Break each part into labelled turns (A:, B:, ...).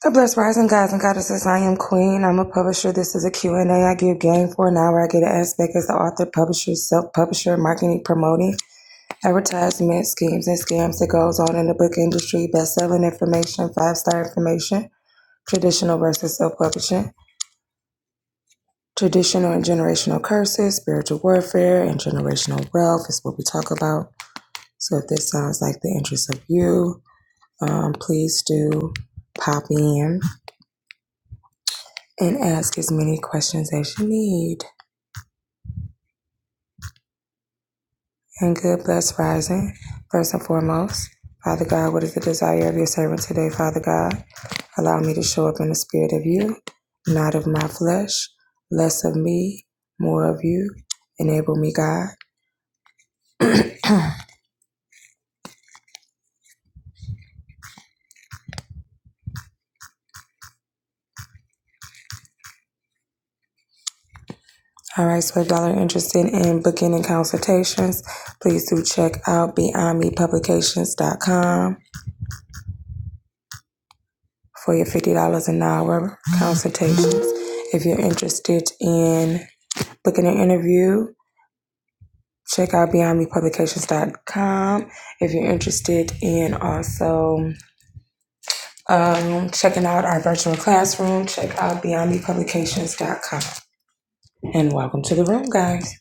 A: God blessed rising guys and goddesses. I am Queen. I'm a publisher. This is a Q and A. I give game for an hour. I get an aspect as the author, publisher, self-publisher, marketing, promoting, advertisement, schemes and scams that goes on in the book industry, best-selling information, five-star information, traditional versus self-publishing, traditional and generational curses, spiritual warfare, and generational wealth is what we talk about. So if this sounds like the interest of you, um, please do pop in. and ask as many questions as you need. And good, blessed rising. First and foremost, Father God, what is the desire of your servant today, Father God? Allow me to show up in the spirit of you, not of my flesh, less of me, more of you. Enable me, God. All right, so if y'all are interested in booking and consultations, please do check out beyond me publications dot com for your $50 an hour consultations. If you're interested in Looking an interview, check out beyond me publications dot com if you're interested in also um, checking out our virtual classroom. Check out beyond me publications dot com. And welcome to the room, guys.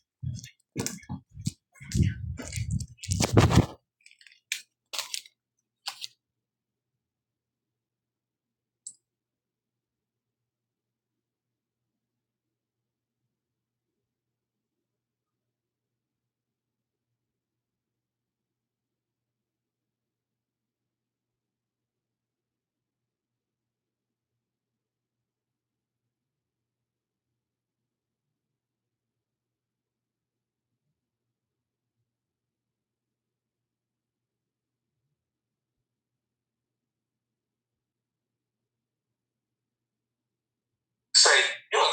A: Say, you allow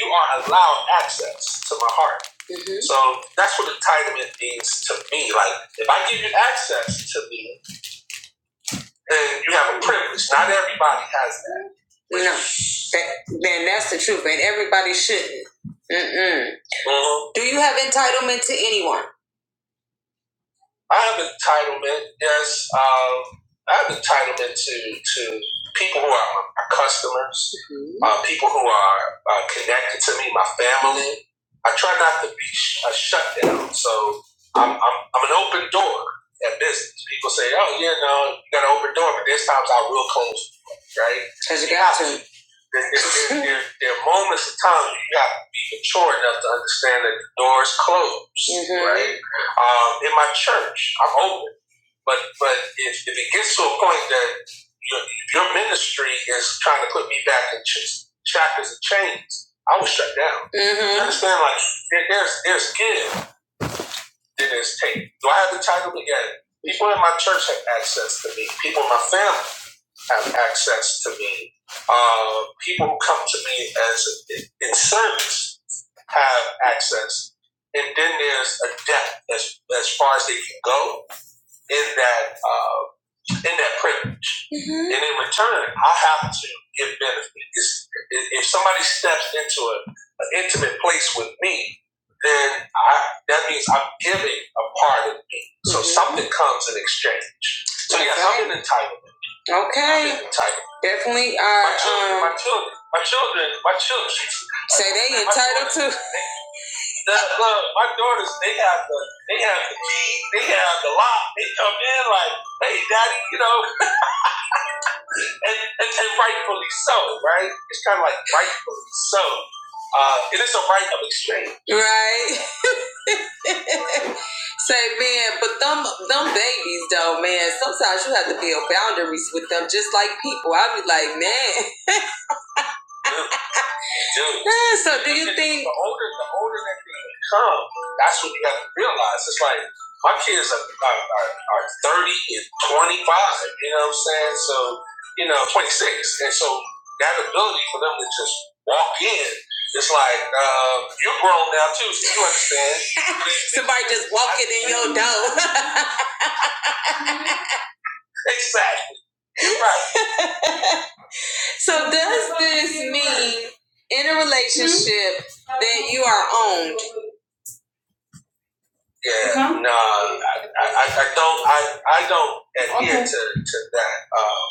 A: You are allowed access to my heart. Mhm. So that's what entitlement means to me. Like, if I give you access to me, then you have a privilege. Not everybody has that. No, that, then that's the truth, and everybody shouldn't. Mm-mm. Mhm. Do you have entitlement to anyone? I have entitlement. yes. um, I have entitlement to to people who are my customers, Mhm. uh, people who are uh, connected to me, my family. I try not to be sh- a shutdown, so I'm, I'm I'm an open door at business. People say, "Oh, yeah, no, you got an open door," but there's times I will close, the door, right? Because you got to there, there, there, there are moments of time where you have to be mature enough to understand that the door is closed, Mhm. right? um, in my church. I'm open. But but if, if it gets to a point that your, your ministry is trying to put me back in ch- chapters and chains, I will shut down. Mm-hmm. You understand? Like there, there's there's give, there's take. Do I have the title to get it? People in my church have access to me. People in my family have access to me. Uh, people who come to me as in service have access, and then there's a depth as as far as they can go in that. Uh, in that privilege. hmm And in return, I have to give benefit. It's, if somebody steps into a, an intimate place with me, then I, that means I'm giving a part of me. So Mhm. something comes in exchange. So yes, I'm an entitlement. I'm Okay, I'm an entitlement. definitely Uh, My children, are. my Um, children, my children, my children. say they entitled to. The, look, my daughters, they have the, they have the key, they have the lock. They come in like, hey, daddy, you know, and, and, and rightfully so, right? It's kind of like rightfully so. Uh, it is a right of exchange. Right. Say, man, but them them babies though, man. Sometimes you have to build boundaries with them, just like people. I'd be like, man. Yeah. Yeah, so do you think the older the older that they become, that's what you have to realize. It's like my kids are, are, are, are thirty and twenty five. You know what I'm saying? So you know twenty six, and so that ability for them to just walk in. It's like uh, you're grown now too, so you understand. somebody just walking in your door? Exactly. right. so does in a relationship, mm-hmm. Yeah. No, I, I, I don't. I, I don't adhere to, to that um,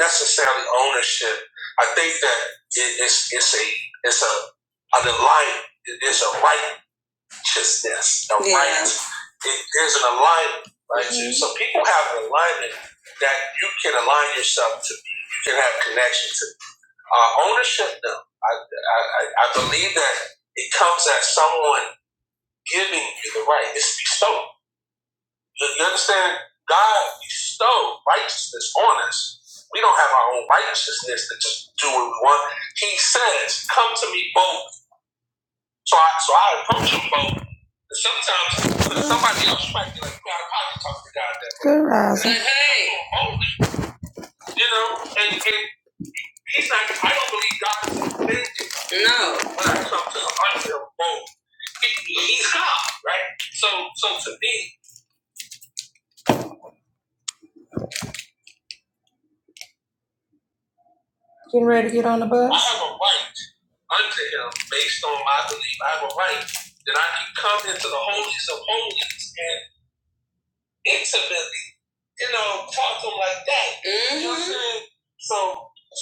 A: necessarily ownership. I think that it, it's it's a it's a an alignment. It's a righteousness. A yeah. right. It is an alignment. Right. Mhm. So people have an alignment that you can align yourself to. You can have connection to. Uh, ownership, though, I I I believe that it comes as someone giving you the right. It's bestowed. You, you understand? God bestowed righteousness on us. We don't have our own righteousness to just do what we want. He says, "Come to me both." So I, so I approach him both. And sometimes somebody else might be like, "You out of pocket talking to God that way." Good rising. But hey, boldly, you know, and, and he's not. I don't believe God is offended. No. When I come to him, I feel both, He, he's God, right? So, so to me, getting ready to get on the bus. I have a right. unto him based on my belief. I have a right that I can come into the holiest of holies and intimately, you know, talk to him like that. Mm-hmm. You know what I'm saying? So,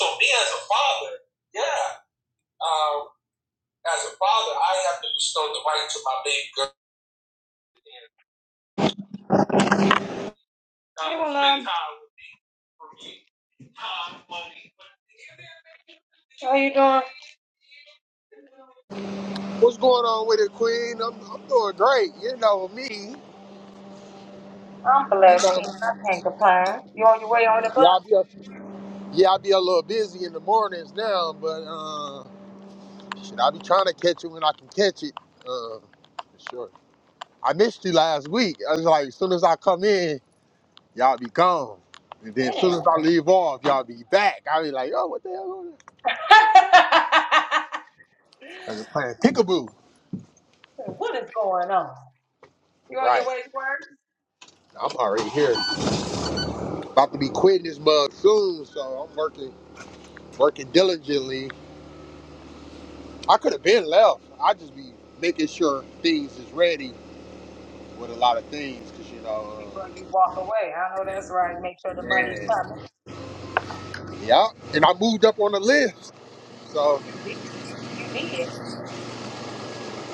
A: so me as a father, yeah, um, as a father, I have to bestow the right to my baby girl. Time would be for me. Time, money, but
B: What's going on with it, Queen? I'm, I'm doing great. You know me. You know,
A: You on your way on the
B: yeah, I
A: bus?
B: be a, yeah, I be a little busy in the mornings now, but uh, should I be trying to catch it when I can catch it? Uh, for sure. I missed you last week. I was like, as soon as I come in, y'all be gone, and then as soon as I leave off, y'all be back. I be like, oh, what the hell? going on? I was playing peekaboo. Right. I'm already here. About to be quitting this mug soon, so I'm working, working diligently I could have been left. I just be making sure things is ready with a lot of things, cause you know. Uh, and, yeah, and I moved up on the list. So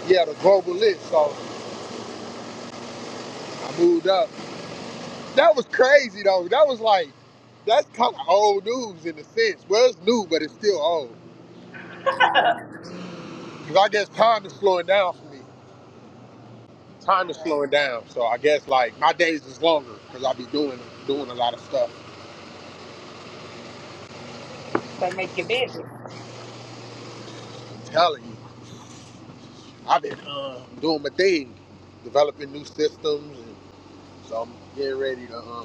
B: yeah, the global list. So I moved up. That was crazy though. That was like, that's kind of old news in a sense. Well, it's new, but it's still old. Cause I guess time is slowing down for me. Time is slowing down. So I guess like my days is longer, cause I be doing doing a lot of stuff. I'm telling you. I've been uh, doing my thing, developing new systems, and so I'm getting ready to. Uh,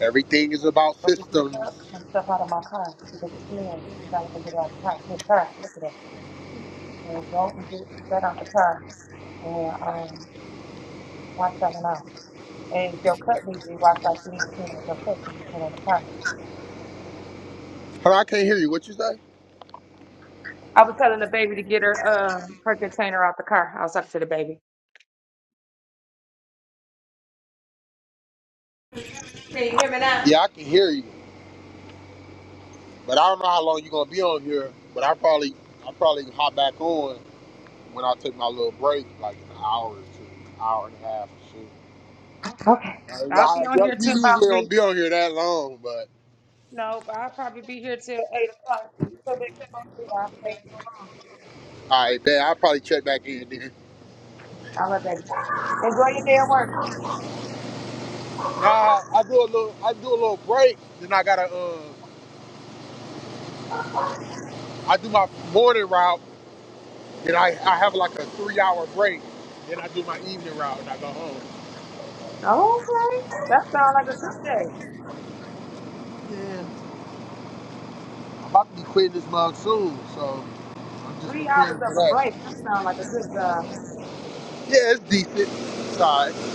B: everything is about systems. Hold on, I can't hear you. What you say?
A: Can you hear me now?
B: Yeah, I can hear you, but I don't know how long you're gonna be on here. But I probably, I probably can hop back on when I take my little break, like an hour or two, hour and a half or so. I, I, yeah, you usually don't be on here that long, but all right, man, I'll probably check back in there. Nah, I do a little, I do a little break, then I gotta, uh, I do my morning route Then I, I have like a three hour break. Then I do my evening route and I go home. Yeah, I'm about to be quitting this mug soon, so I'm just preparing for that. Yeah, it's decent. It's all right.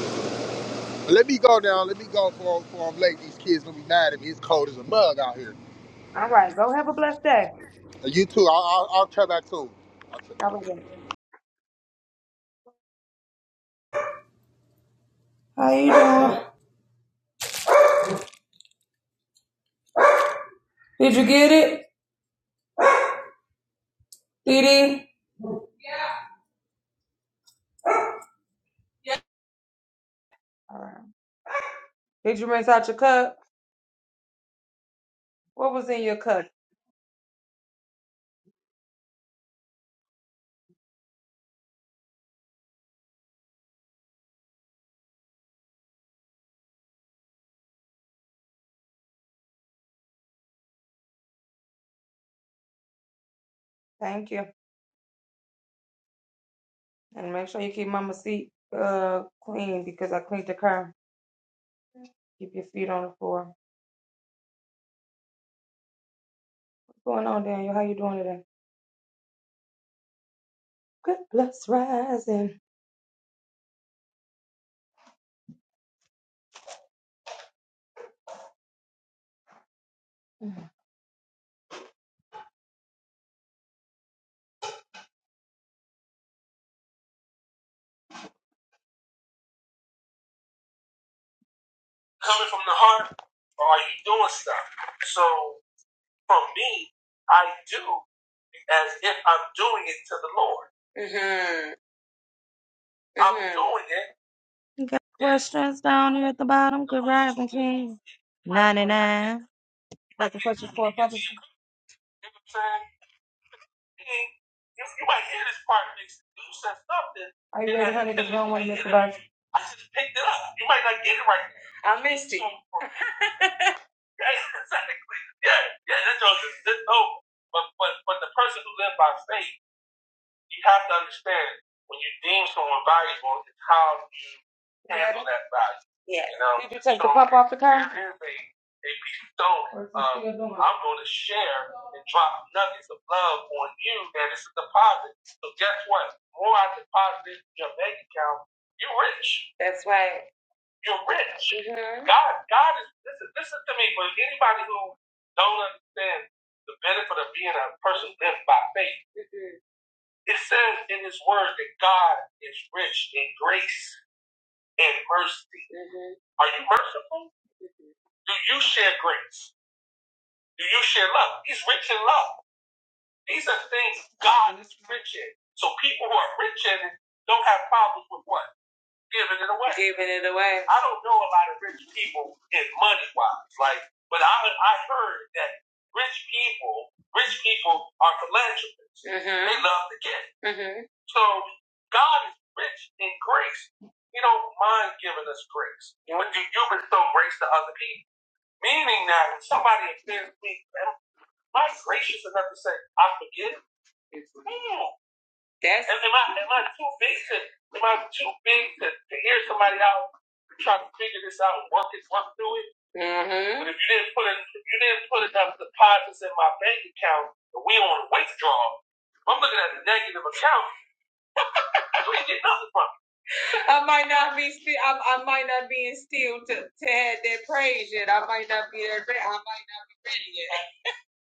B: But let me go down. Let me go for for I'm late. These kids gonna be mad at me. It's cold as a mug out here. And you too. I'll, I'll, I'll try back soon.
A: Hi. Thank you. And make sure you keep mama's seat uh clean because I cleaned the car. Keep your feet on the floor. What's going on, Daniel? How you doing today? Good bless rising. Coming from the heart, or are you doing stuff? So for me, I do as if I'm doing it to the Lord. hmm I'm Mhm. doing it. You got questions down here at the bottom. Good rising, King. 99. Like the questions for a purpose. thing, you, you might hear this part next week. You said something. Are you ready, honey? Because wrong with Miss Love. I just picked it up. You might not get it right now. I missed it. So, yeah, exactly. Yeah, yeah, that all is that's over. But, but, but the person who lives by faith, you have to understand when you deem someone valuable, it's how you deem that value. Yeah. You know, They, they bestow. Um, I'm going to share and drop nuggets of love on you, and it's a deposit. So guess what? The More I deposit into your bank account, you're rich. That's right. You're rich. Mhm. God, God is. Listen, listen to me. For anybody who don't understand the benefit of being a person lived by faith, Mhm. it says in His Word that God is rich in grace and mercy. Mhm. Are you merciful? Do you share grace? Do you share love? He's rich in love. These are things God is rich in. So people who are rich in it don't have problems with what? Giving it away. Giving it away. I don't know a lot of rich people in money wise, like, but I I heard that rich people, rich people are philanthropists. Mhm. They love to give. hmm So God is rich in grace. He don't mind giving us grace. When do you bestow grace to other people? Meaning that when somebody offends me, Am I gracious enough to say I forgive? Hmm. That's Am, I am I too big to am I too big to, to hear somebody out trying to figure this out and work it work through it? mm-hmm. But if you didn't put it, if you didn't put enough deposits in my bank account, and we on a withdrawal, I'm looking at a negative account. I ain't getting nothing from it. I might not be still. I, I might not be instilled to to have that praise yet. I might not be there. I might not be ready yet.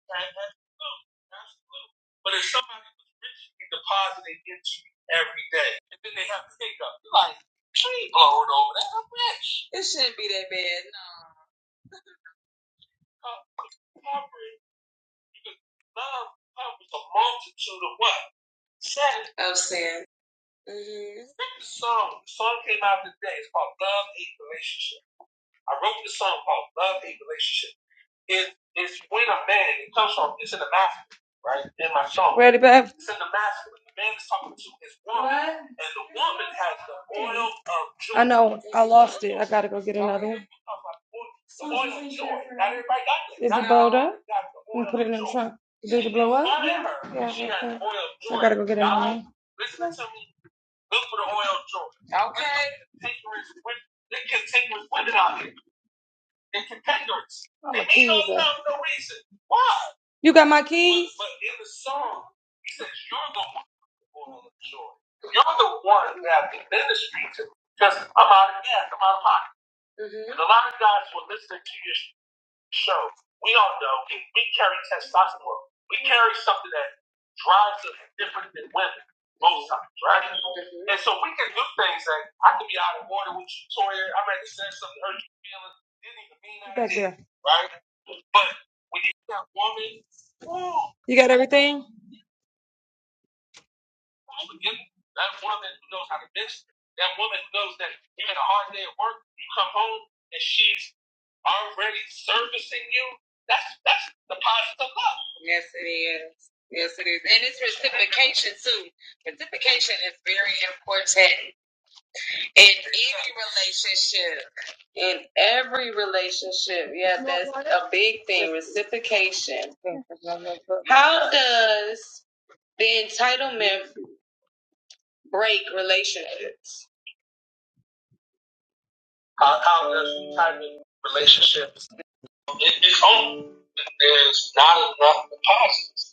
A: That- that's true. That's true. But if somebody was richly depositing into you every day, and then they have to take up, you're like, she ain't blowing over that. I'm rich. It shouldn't be that bad. No. Co- Coverage, because love covers a multitude of what? Sin. Of sin. Mm-hmm. The song, the song came out today. It's called Love Hate Relationship. I wrote the song called Love Hate Relationship. It's if you a man, it comes from it's in the masculine, right? In my song. Ready, babe? It's in the masculine. The man is talking to his woman. What? And the woman has the oil of joy. I know. I lost it. I gotta go get another one. The oil of joy. Not everybody got that. Is it bolder? We put it in the trunk. Did it blow up? honor Yeah, okay. I gotta go get another one. listen to me. Look for the oil of joy. Okay. Look for the contiguous women. The contiguous women out here and contenders. Oh, They hate on keys up. no reason. Why? You got my keys? but but in the song, he says, You're the one who will joy. You're the one that the ministry to. Because I'm out of gas, I'm out of money. hmm And a lot of guys were listening to you. So we don't know. We, we carry testosterone. We carry something that drives us different than women most times, right? Mhm. And so we can do things that I could be out of order with you, Toya. I might have said something hurt your feelings. Didn't even mean that. Right? But when you got woman, ooh, you got everything. Again, that woman who knows how to minister, that woman who knows that you had a hard day at work, you come home and she's already servicing you. That's that's the positive love. Yes, it is. Yes, it is. And it's reciprocation too. Reciprocation is very important in any relationship. In every relationship. Yeah, that's a big How, how does type of relationships it, it's on. There's not enough deposits.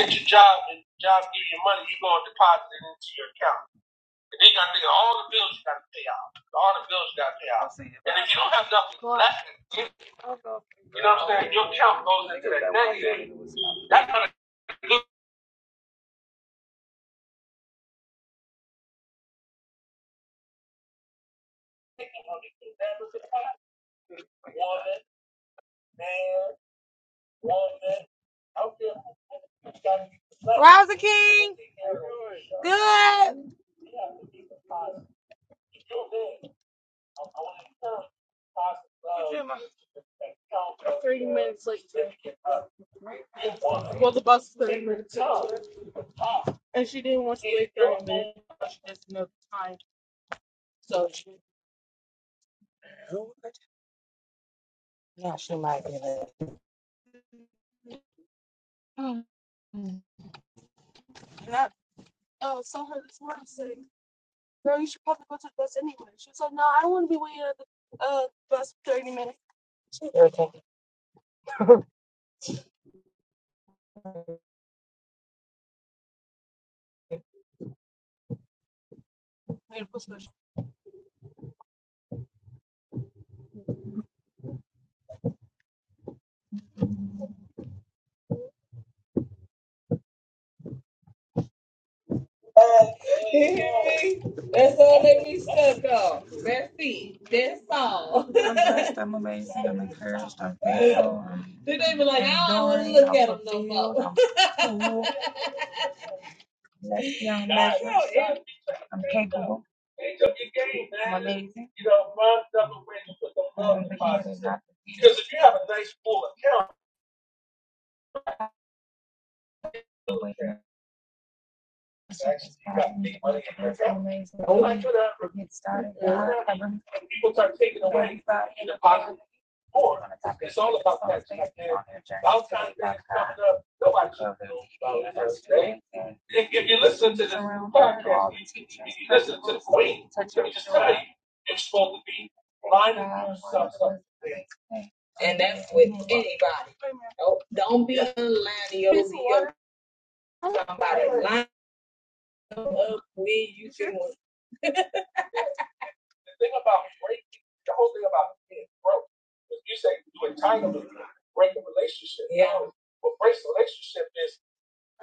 A: At your job, and your job give you money, you going to deposit it into your account. And then you got to think of all the bills you got to pay out. All the bills you got to pay out. And if you don't have nothing left, you know what I'm saying? Your account goes into that negative. That's how to do it. Thirty minutes. Well, the thing is, I'm capable. I'm amazing. You know, mom doesn't You put the love deposit. Because if you have a nice full account. Like to people start taking away in the positive more. It's all about that. About time that's coming up, nobody should know about that today. If, if you listen to this podcast, if you, if you listen to the queen, let me just tell you, you're supposed to be minding yourself something. The thing about breaking, the whole thing about being broke, is you say you entitlement, break a relationship. Yeah. What breaks a relationship is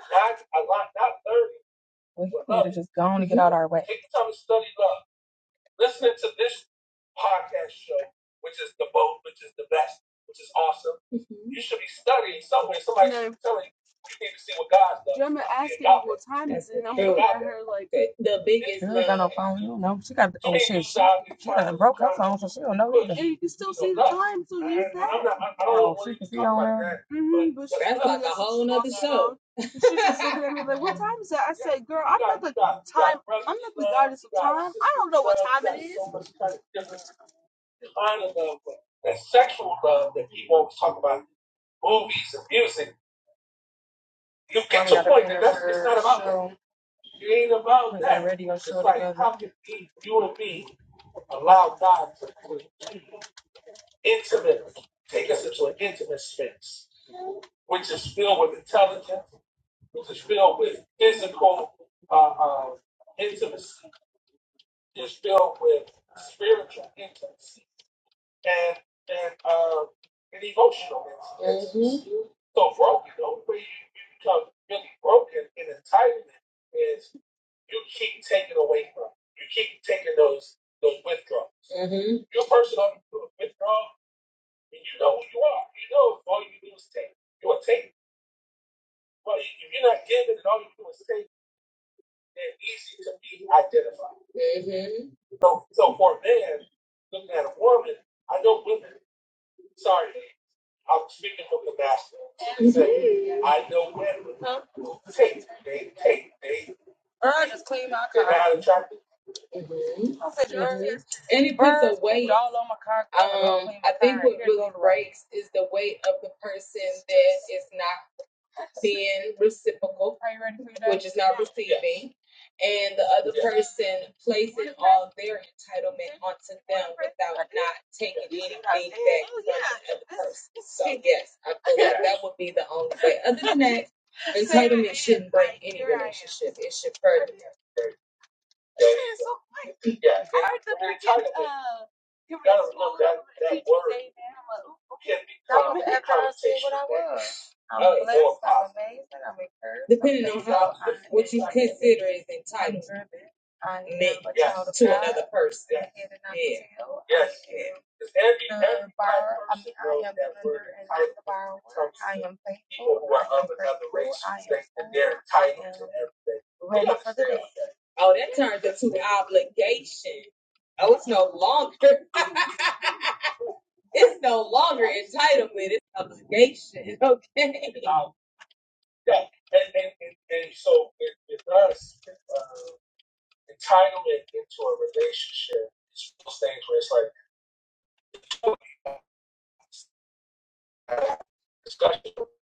A: not a lot, not 30. We need to just go on and get out our way. Take the time to study love. Listening to this podcast show, which is the boat, which is the best, which is awesome. Mhm. You should be studying somewhere. Somebody telling you, you need to see what God's That's it. Hey, The biggest. She ain't got no phone. You don't know. She got. the Oh shit. She, she done broke her phone, so she don't know either. I'm not, I, don't Oh, want to see talk on her. like that's like a said, "Girl, I'm not the time. I'm not the goddess of time. I don't know what time it is." The Kind of love, That sexual love that people always talk about, movies and music, you get Mommy point that that's, it's not about show. that. It ain't about that. radio It's show like together. how can you and me allow God to be intimate, take us into an intimate space, which is filled with intelligence, It is filled with physical uh, uh, intimacy. It's filled with spiritual intimacy and and uh, and emotional intimacy. Mhm. So broken, the only way you, you become really broken in entitlement is you keep taking away from. You keep taking those those withdrawals. Mm-hmm. You're a person on withdrawal, and you know who you are. You know if all you do is take. You are taking. Well, if you're not giving, and all you do is take. they're easy to be identified. So, so for a man looking at a woman, I know women. Sorry, I'm speaking from the masculine. Say, I know women. who Take, they take, they they're not attracted. Anybody breaks is the weight of the person that is not being reciprocal, Just not receiving, yes. and the other Yeah. person places their entitlement onto them not taking. So yes, I feel yes. like that would be the only way. Other than that. Shit, it should further. Yeah. yeah because, Don't make that I said what I was. I'm Uh, glad it's not uh, Depending on how what you consider is entitled neck Yes. to another person. Yes. Yeah. Yes. yeah. 'Cause every- Uh, every borrower, I mean, I person am knows that the lender and not the borrower. comes I am faithful. People who are I of am another race, faithful, I am think that they're entitled to everything. Oh, to nation. Oh, it's longer, is it? Yeah, and and, and, and so it, it does uh, entitlement into a relationship. It's those things where it's like discussion.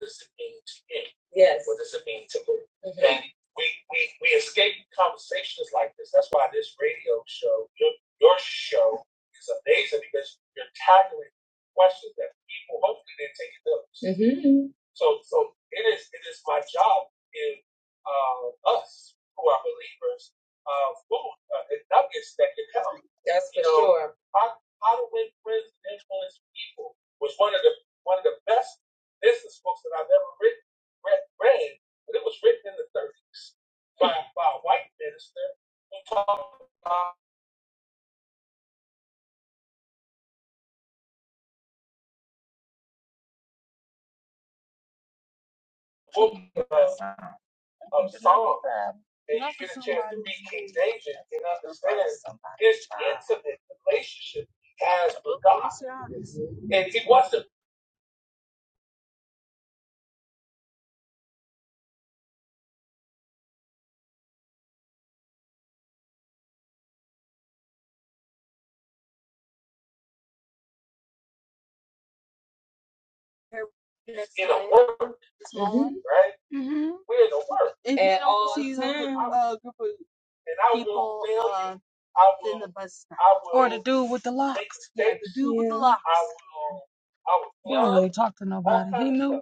A: does it mean to me? Yes. What does it mean to me? Mhm. And we, we, we escape conversations like this. That's why this radio show, your, your show, is amazing because you're tackling questions that people hopefully didn't take notes. Mhm. So, so it is it is my job in uh, us who are believers, of uh, food, uh, and nuggets that can help. That's for You know, sure. how, how to win friends and influence people was one of the one of the best this is books that I've never written, read, read, but it was written in the 30s by, by a white minister who talked about the book of, of Psalms and read King David and understand his intimate relationship he has with God. And he wasn't in a word, right? We're in a word. and all see the time, them, uh, group of and I will people, will fail you. uh, I will, in the bus stop. I will or the do Yeah, the do with the Yeah. locks. I will, I will, yeah, But he knew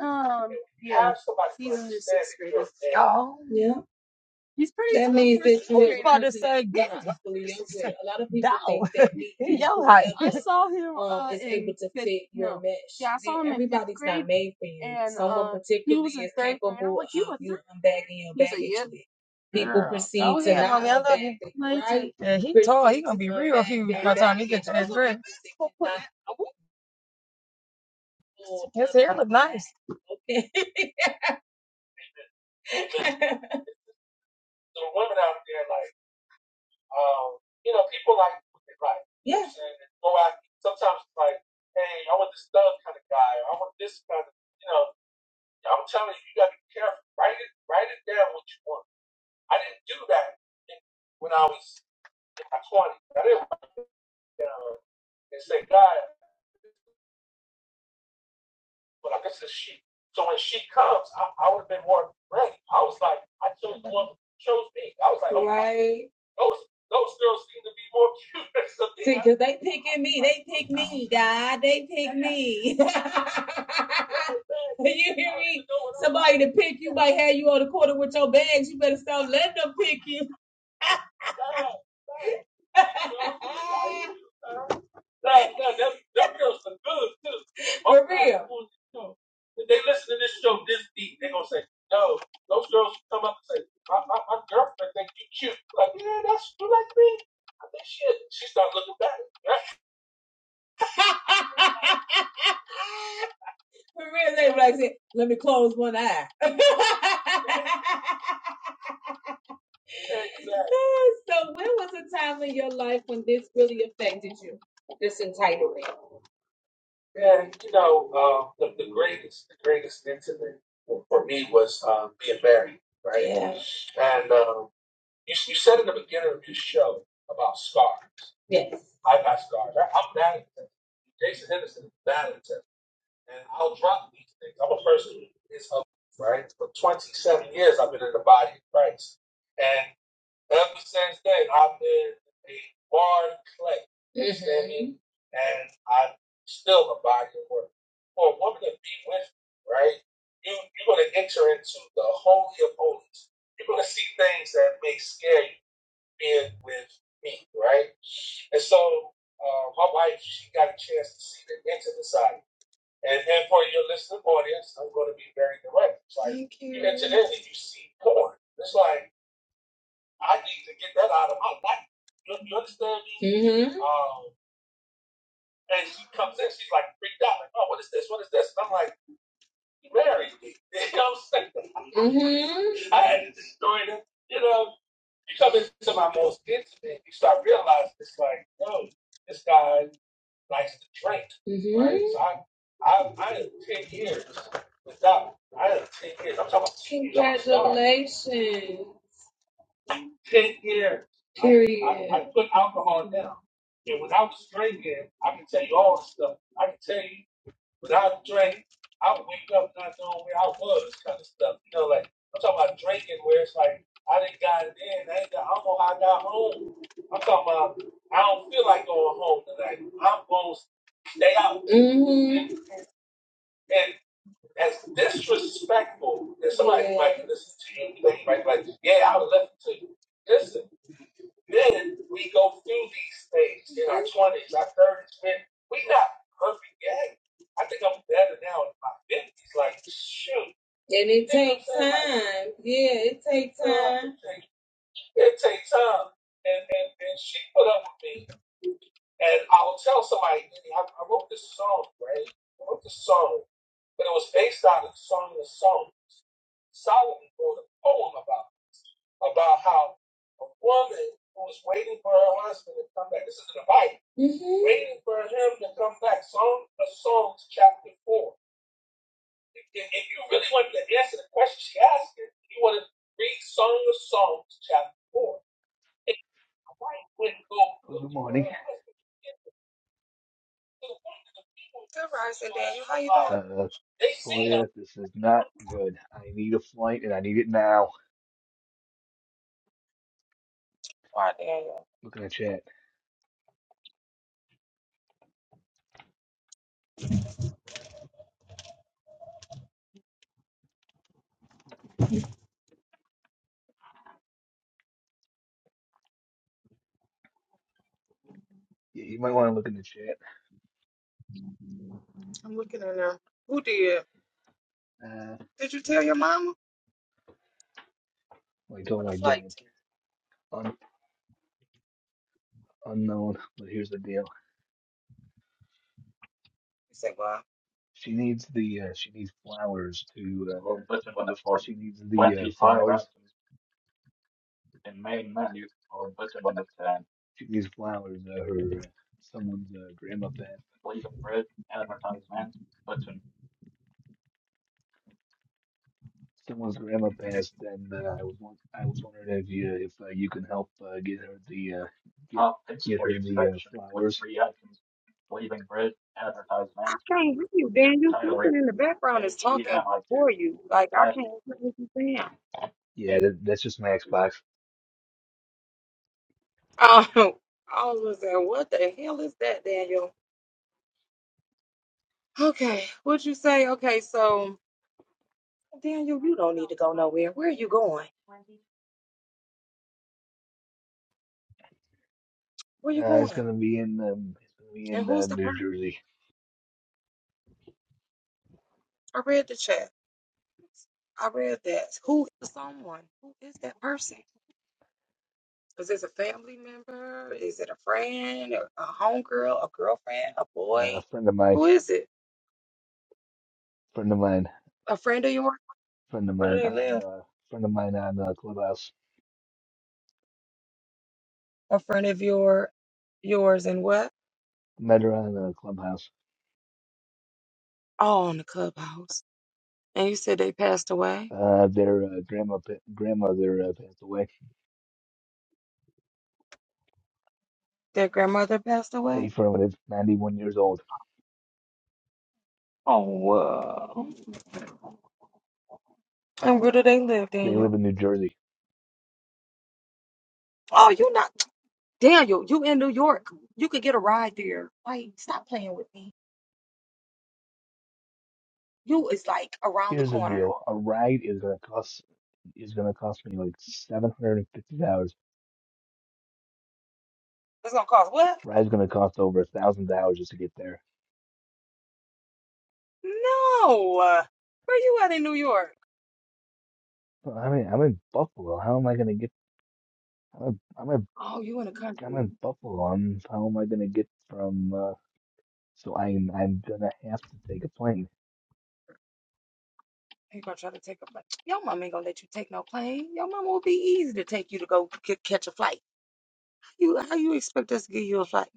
A: um yeah, he's in the sixth grade. Oh. Yeah. He's pretty That means that you I about to say God. A lot of people think that we your height. I saw him uh, um, uh, is in able to fifth- fit your no. mesh. Yeah, I saw him Everybody's in fifth not grade, made for you. And, Someone uh, particularly is capable like, of you unbagging your baggage. "Yep." People Girl. perceive that right. Okay. The right. out there, like. Um, you know, people like wicked right. Yes. And go after. Sometimes it's like, hey, I want this thug kind of guy. Or I want this kind of. You know, I'm telling you, you gotta be careful. Write it, write it down what you want. I didn't do that when I was in my 20s. I didn't write it down and say, God, but I guess it's she. So when she comes, I, I would have been more ready. I was like, I chose the one who chose me. I was like, okay. Those those girls seem to be more cute than something See, because they picking me. They pick me, God. They pick me. you hear me? Somebody to pick you might have you on the corner with your bags. You better stop letting them pick you. Like, no, them, them girls some good too. For real. If they listen to this show this deep, they gonna say, no, those girls come up and say, my, my, my girlfriend think you cute. Like, yeah, that's you like me. I think shit. She start looking back. For real, they like say, let me close one eye. exactly. So when was a time in your life when this really affected you? This entitlement. Yeah, you know, uh, the, the greatest, the greatest incident for for me was uh, being married, right? Yeah. And um, you, you said in the beginning of this show about scars. I got scars. I, I'm bad at that. Jason Henderson is bad at that. And I'll drop these things. I'm a person who is up, right? For 27 years, I've been in the body of Christ. and. Ever since then, I've been a barn clay. You mm-hmm. understand me? And I still abide your word. For a woman to be with you, right? You you're gonna enter into the holy of holies. You're gonna see things that may scare you being with me, right? And so uh, my wife, she got a chance to see the intimate side. And, and for your listening audience, I'm going to be very direct. It's like you enter in and you see porn. It's like I need to get that out of my life. You, you understand me? Mm-hmm. Um, and she comes in, she's like freaked out, like, oh, what is this? What is this? And I'm like, you married me. You know what I'm saying? Mm-hmm. I had to destroy them. You know, you come into my most intimate, you start realizing it's like, no, this guy likes to drink, Mm-hmm. right? So Mm-hmm. I, I, I had 10 years without, I had 10 years, I'm talking about 10 years, Congratulations. ten years, Period. I, I, I put alcohol down. And without drinking, I can tell you all the stuff. I can tell you without drink, I would wake up not knowing where I was, kind of stuff. You know, like I'm talking about drinking, where it's like I didn't got in, I ain't got, I don't know how I got home. I'm talking about I don't feel like going home tonight. I'm gonna stay out. Mm-hmm. And, and that's disrespectful. And somebody Yeah. might listen to you, they might be like, "Yeah, I was left to you." This then we go through these things in our twenties, our thirties, man. We not perfect yet. I think I'm better now in my fifties. Like shoot. And it takes time. Like, Yeah, it takes time. It takes time. And and, and she put up with me. And I will tell somebody, I, I wrote this song, right? I wrote this song, but it was based on a song of songs. Solomon wrote a poem about about how a woman who was waiting for her husband to come back, this is in the Bible, Mhm. waiting for him to come back, Song of Songs, chapter 4. If, if if you really wanted to answer the question she asked, you you want to read Song of Songs, chapter 4. And the wife went to go
C: Oh, good
A: looking for
C: morning.
A: her husband. And to the point that the people,
C: Uh,
A: they seen her.
C: Toya, this is not good. I need a flight and I need it now. Look in the chat. You, you might want to look in the chat. Uh,
A: Um,
C: like I told my dad, un, unknown, but here's the deal. She needs the, uh, she needs flowers to, uh, Listen, when the force- she needs the when uh, she flowers. finds- She needs flowers. Uh, her, uh, someone's uh, grandma passed. Someone's grandma passed, and uh, I was, won- I was wondering if you, if uh, you can help uh, get her the, uh, get, Oh, thanks get for her your the uh, instruction. flowers. Yeah, that, that's just my Xbox.
A: okay, what'd you say? Okay, so Daniel, you don't need to go nowhere. Where are you going? Where you
C: Uh, it's
A: going?
C: gonna be in um, it's gonna be
A: And
C: in uh,
A: who's the
C: New
A: person?
C: Jersey.
A: I read the chat. I read that. Who is someone? Who is that person? Is it a family member? Is it a friend? A, a homegirl? A girlfriend? A
C: Uh, a
A: boy?
C: friend of mine,
A: Who is it?
C: friend of mine,
A: A friend of yours?
C: friend of
A: Where
C: mine
A: do they live?
C: on uh, friend of mine on uh, Clubhouse.
A: A friend of your yours and what?
C: Met her on uh, Clubhouse.
A: All in the clubhouse. And you said they passed away?
C: Uh, their uh, grandma pa- grandmother uh, passed away.
A: Their grandmother passed away?
C: Affirmative, 91 years old.
A: Oh wow. And where do they live,
C: They live
A: Daniel?
C: in New Jersey.
A: Oh, you're not Daniel, you in New York. You could get a ride there. Like, stop playing with me. You is like around the
C: Here's the
A: corner.
C: deal: a ride is gonna cost is gonna cost me like seven hundred and fifty dollars.
A: It's gonna cost what?
C: Ride's gonna cost over a thousand dollars just to get there.
A: No. Where you at in New York?
C: Well, I mean, I'm in Buffalo. How am I gonna get? I'm. I'm in
A: Oh, you in the
C: I'm
A: country.
C: in Buffalo. I'm, how am I gonna get from? Uh, so I'm I'm gonna have to take a plane.
A: They gonna try to take a flight. Your mama ain't gonna let you take no plane. Your mama will be easy to take you to go c- catch a flight. You how you expect us to give you a flight?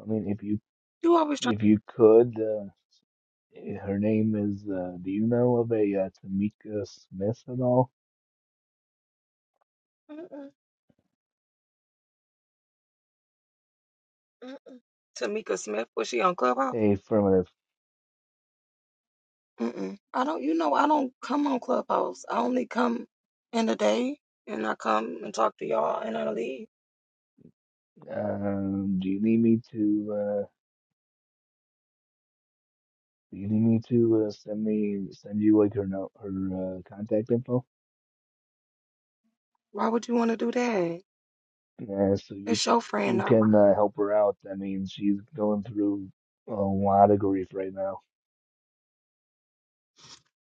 C: I mean, if you
A: You always try.
C: if you could, uh, eh, her name is. Uh, do you know of a uh, Tamika Smith at all?
A: Mm-mm, mm. Tamika Smith was she on Clubhouse?
C: Hey, affirmative.
A: Mm-mm. I don't. You know I don't come on Clubhouse. I only come in the day and I come and talk to y'all and I leave.
C: Um, do you need me to? Uh, do you need me to uh, send me send you like her no her uh, contact info?
A: Why would you want to do that?
C: Yeah, so you
A: It's your friend,
C: you
A: not mine.
C: can uh, help her out. I mean, she's going through a lot of grief right now.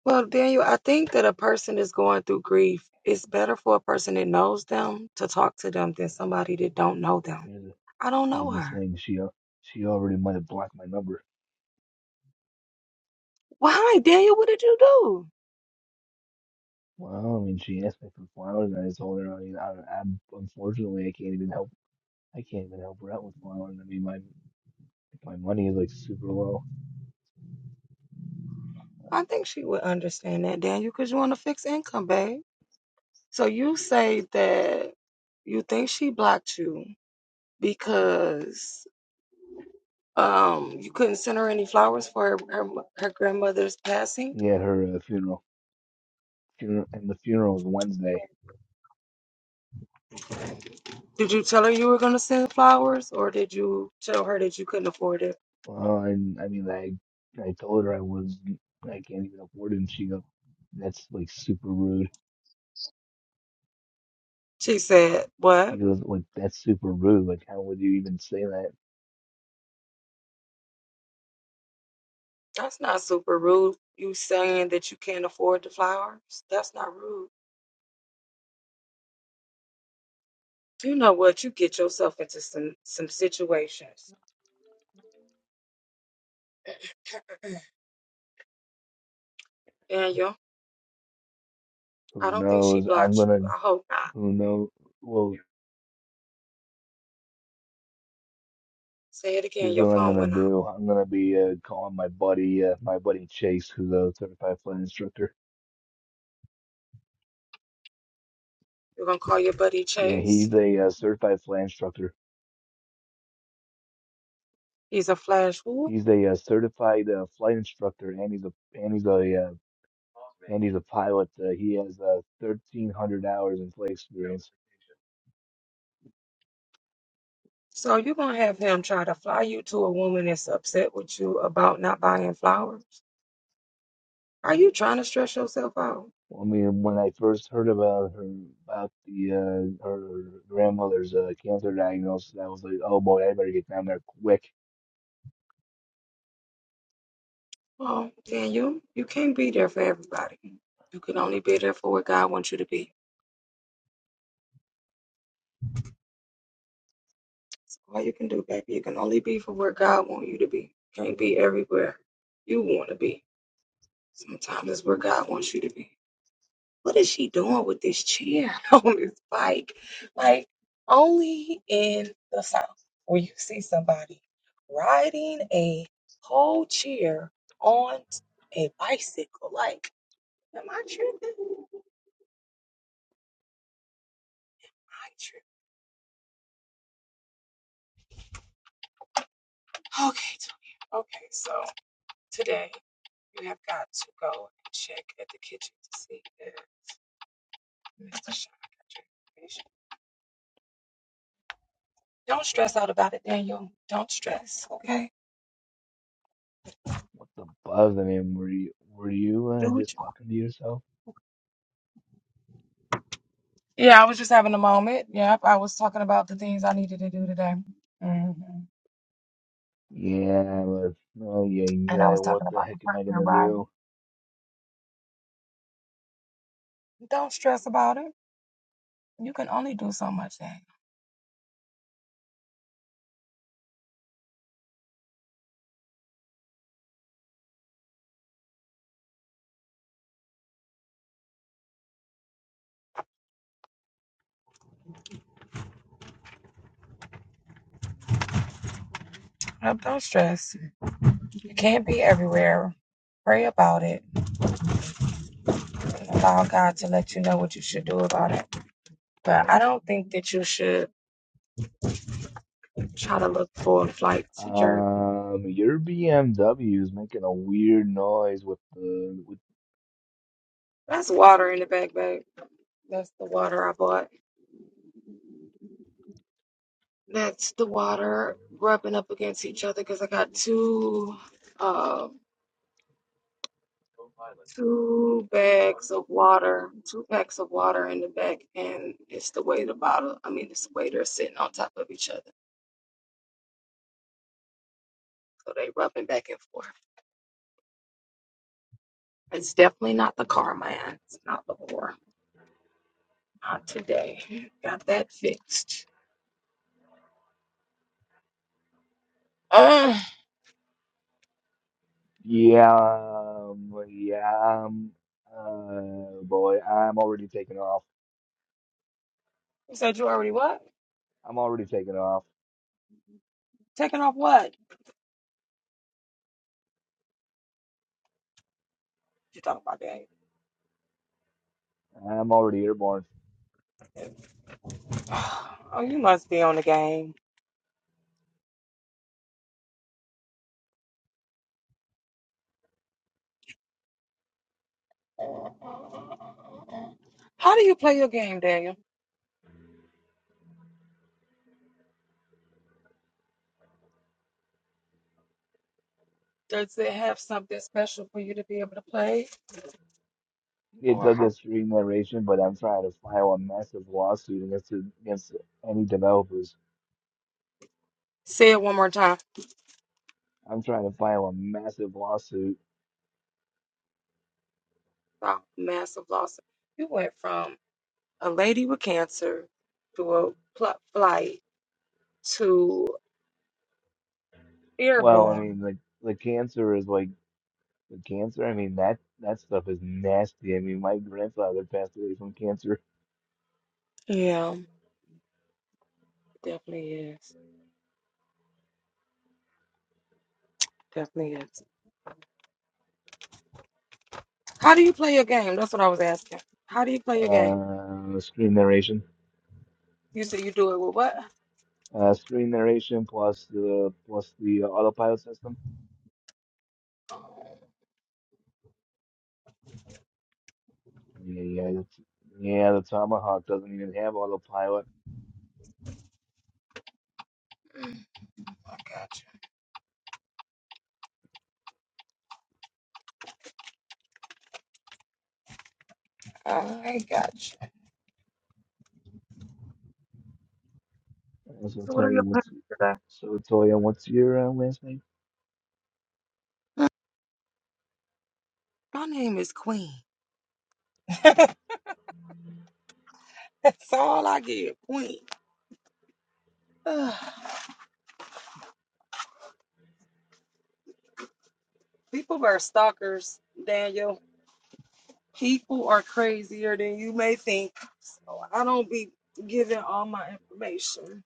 A: Well, Daniel, I think that a person is going through grief. It's better for a person that knows them to talk to them than somebody that don't know them.
C: Yeah.
A: I don't
C: Here's
A: know
C: the
A: her.
C: thing, she al- she already might have blocked my number.
A: Why, Daniel? What did you do?
C: Well, I mean, she asked me for flowers, and I told her, I mean, I, I'm unfortunately I can't even help. I can't even help her out with flowers. I mean, my my money is like super low.
A: I think she would understand that, Daniel, because you want a fixed income, babe. So you say that you think she blocked you because um you couldn't send her any flowers for her her, her grandmother's passing.
C: Yeah, her uh, funeral, funeral, and the funeral is Wednesday.
A: Did you tell her you were going to send flowers, or did you tell her that you couldn't afford it?
C: Well, I, I mean, I I told her I was I can't even afford it, and she goes, that's like super rude.
A: She said,
C: She
A: What?
C: goes, like that's super rude. Like, how would you even say that?
A: That's not super rude. You saying that you can't afford the flowers? That's not rude. You know what? You get yourself into some, some situations. Daniel, I
C: Who
A: don't think she
C: knows? I'm
A: blocked
C: gonna.
A: you. I hope not.
C: Who knows? Well.
A: Say it again.
C: Here's
A: Your
C: what I'm
A: phone
C: gonna
A: went off.
C: do. I'm gonna be uh, calling my buddy, uh, my buddy Chase, who's a certified flight instructor.
A: You're going to call your buddy
C: Yeah,
A: Chase.
C: he's a uh, certified flight instructor.
A: He's a flash fool.
C: He's a uh, certified uh, flight instructor, and he's a and he's a uh, and he's a pilot. Uh, he has uh, 1,300 hours in flight experience.
A: So you're going to have him try to fly you to a woman that's upset with you about not buying flowers? Are you trying to stress yourself out?
C: I mean, when I first heard about her about the uh, her grandmother's uh, cancer diagnosis, I was like, oh boy, I better get down there quick.
A: Well, Daniel, you can't be there for everybody. You can only be there for what God wants you to be. That's all you can do, baby. You can only be for where God wants you to be. You Can't be everywhere you want to be. Sometimes it's where God wants you to be. What is she doing with this chair on this bike? Like, only in the South where you see somebody riding a whole chair on a bicycle. Like, am I tripping? Am I tripping? Okay, Tony. Okay, so today you have got to go and check at the kitchen to see if Mr. Sean got your information. Don't stress out about it, Daniel. Don't stress, okay?
C: What the buzz? I mean, were you were you uh,
A: Do
C: just
A: what you want.
C: talking to yourself?
A: Yeah, I was just having a moment. Yep, I was talking about the things I needed to do today. hmm
C: Yeah, but oh yeah,
A: And I
C: yeah.
A: was
C: What
A: talking
C: the
A: about the
C: heck am I
A: partner
C: gonna
A: ride.
C: do?
A: Don't stress about it. You can only do so much, Daniel. Yep, Don't stress. You can't be everywhere. Pray about it. Allow God to let you know what you should do about it. But I don't think that you should try to look for a flight to Jersey.
C: Um, your BMW is making a weird noise with the with
A: That's water in the back, bag. That's the water I bought. That's the water rubbing up against each other because I got two, uh, two bags of water, two packs of water in the back, and it's the way the bottle. I mean, it's the way they're sitting on top of each other, so they rubbing back and forth. It's definitely not the car, man. It's not the whore. Not today. Got that fixed. Uh,
C: yeah, um, yeah. Um, uh, boy, I'm already taking off.
A: you said you already what?
C: I'm already taking off.
A: Taking off what? You talking about
C: I'm already airborne.
A: that? Oh, you must be on the game. How do you play your game, Daniel? Does it have something special for you to be able to play?
C: It
A: Or
C: does
A: how?
C: this free narration, but I'm trying to file a massive lawsuit against against any developers.
A: Say it one more time.
C: I'm trying to file a massive lawsuit.
A: Oh, massive loss. You went from a lady with cancer to a pl- flight to
C: Well, I
A: airborne.
C: mean, like the cancer is like. The cancer, I mean that that stuff is nasty. I mean, my grandfather passed away from cancer.
A: Yeah, definitely is. Definitely is. How do you play your game? That's what I was asking. How do you play your game?
C: Uh, screen narration,
A: You said you do it with what?
C: uh, screen narration plus the plus the autopilot system. Yeah, yeah, that's- yeah. The Tomahawk doesn't even have autopilot.
A: I got you.
C: Uh, So Toya, what's so Toya, what's your uh, last name?
A: My name is Queen. That's all I give, Queen. People are stalkers, Daniel. People are crazier than you may think. So I don't be giving all my information.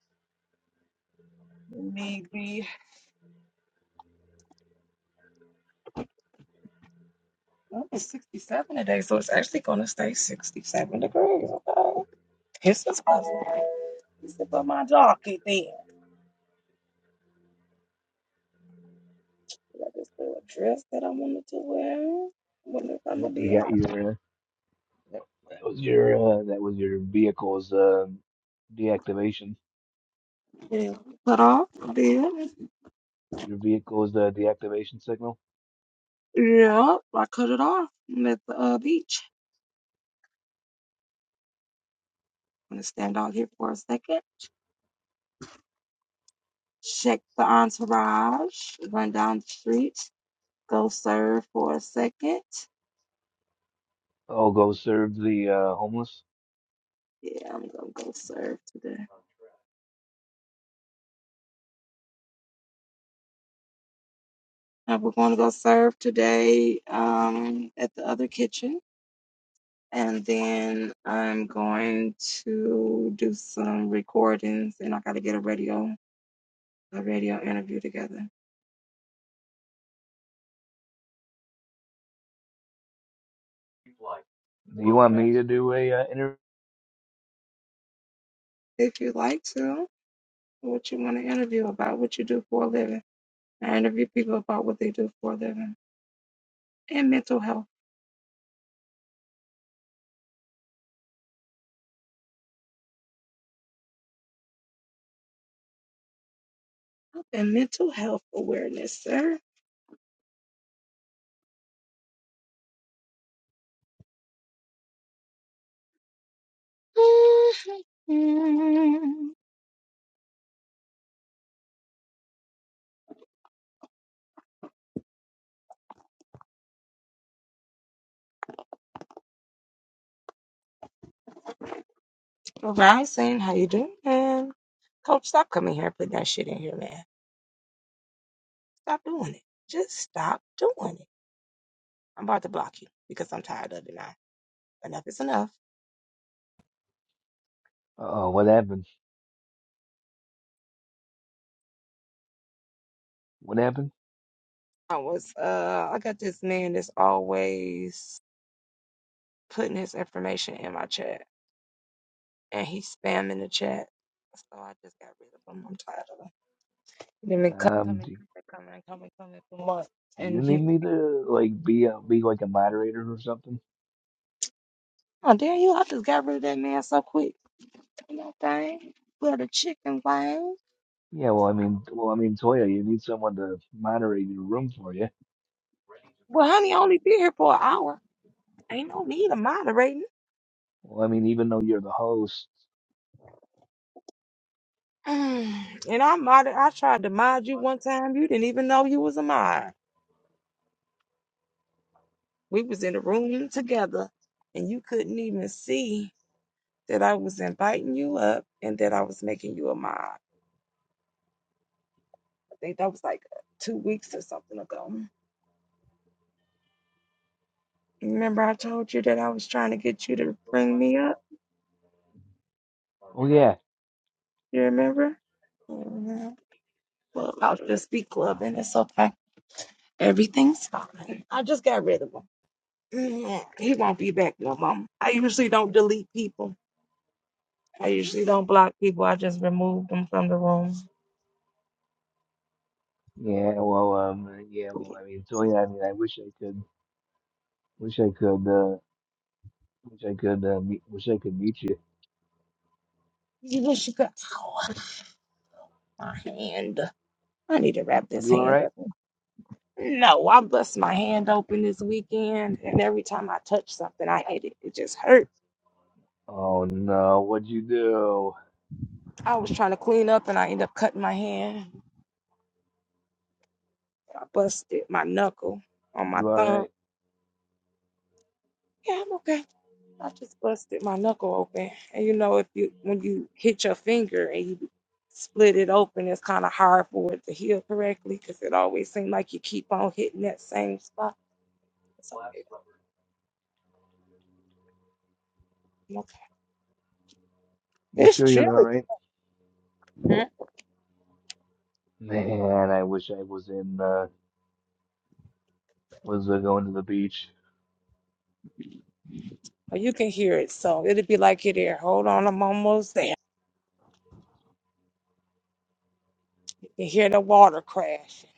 A: Maybe be well, it's 67 today, so it's actually gonna stay 67 degrees. Okay, this is possible. This is for my jockey thing. What is the dress that I wanted to wear? Wonder if
C: I
A: I'm gonna
C: hope we
A: be
C: got
A: able
C: your. Uh, that that was your uh, that was your vehicle's uh, deactivation.
A: to pull it off. I did.
C: Your vehicle's uh, deactivation signal.
A: Yep, I cut it off. I'm at the uh, beach.
C: I'll go serve the uh, homeless.
A: And we're going to go serve today um, at the other kitchen. And then I'm going to do some recordings and I got to get a radio, a radio interview together.
C: Do you want me to do a uh, interview?
A: If you'd like to, what you want to interview about, what you do for a living. I interview people about what they do for a living and mental health and mental health awareness, sir. Rising, how you doing, man? Coach, stop coming here and putting that shit in here, man. Stop doing it. Just stop doing it. I'm about to block you because I'm tired of it now. Enough is enough.
C: Oh, what happened? What happened?
A: I was uh I got this man that's always putting his information in my chat and he's spamming the chat. So I just got rid of him. I'm tired of him. He been co-
C: Um,
A: coming,
C: do,
A: coming, coming, coming for months.
C: do you
A: And
C: need
A: he
C: me to like be a, be like a moderator or something?
A: oh damn you, I just got rid of that man so quick. You know what I'm saying? Well the chicken wings.
C: Yeah, well, I mean, well, I mean, Toya, you need someone to moderate your room for you.
A: Well, honey, I only been here for an hour. Ain't no need of moderating.
C: Well, I mean, even though you're the host.
A: Mm. And I mod I tried to mod you one time. You didn't even know you was a mod. We was in the room together, and you couldn't even see that I was inviting you up and that I was making you a mod. I think that was like two weeks or something ago. Remember, I told you that I was trying to get you to bring me up.
C: Oh yeah,
A: You remember? Mm-hmm. Well, I'll just be clubbing. It's okay. Everything's fine. I just got rid of them. Mm, he won't be back no more. I usually don't delete people. I usually don't block people. I just remove them from the room.
C: yeah. Well, um, yeah. Well, I mean, Toya, I mean, I wish I could, wish I could, uh, wish I could, uh, meet, wish I could meet you.
A: You wish you could. Ow, my hand. I need to wrap this
C: You all
A: hand
C: right?
A: up. No, I bust my hand open this weekend, and every time I touch something, I hate it. It just hurt.
C: Oh no, what'd you do?
A: I was trying to clean up, and I end up cutting my hand. I busted my knuckle on my
C: You all
A: thumb.
C: right?
A: Yeah, I'm okay. I just busted my knuckle open. And you know, if you when you hit your finger and you split it open, it's kind of hard for it to heal correctly because it always seems like you keep on hitting that same spot. It's okay. I'm okay.
C: You
A: It's
C: sure you're all
A: chilly.
C: right? Man, I wish I was in uh was uh, going to the beach.
A: but You can hear it, so it'll be like it there. Hold on, I'm almost there. You can hear the water crashing.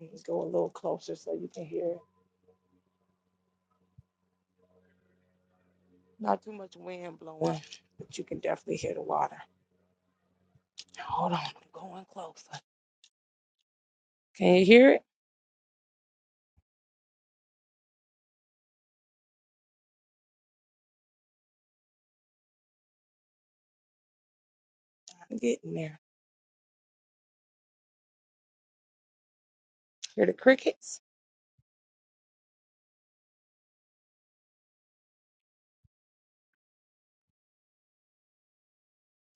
A: You can Go a little closer so you can hear it. Not too much wind blowing, but you can definitely hear the water. Hold on, I'm going closer. Can you hear it? I'm getting there. Hear the crickets?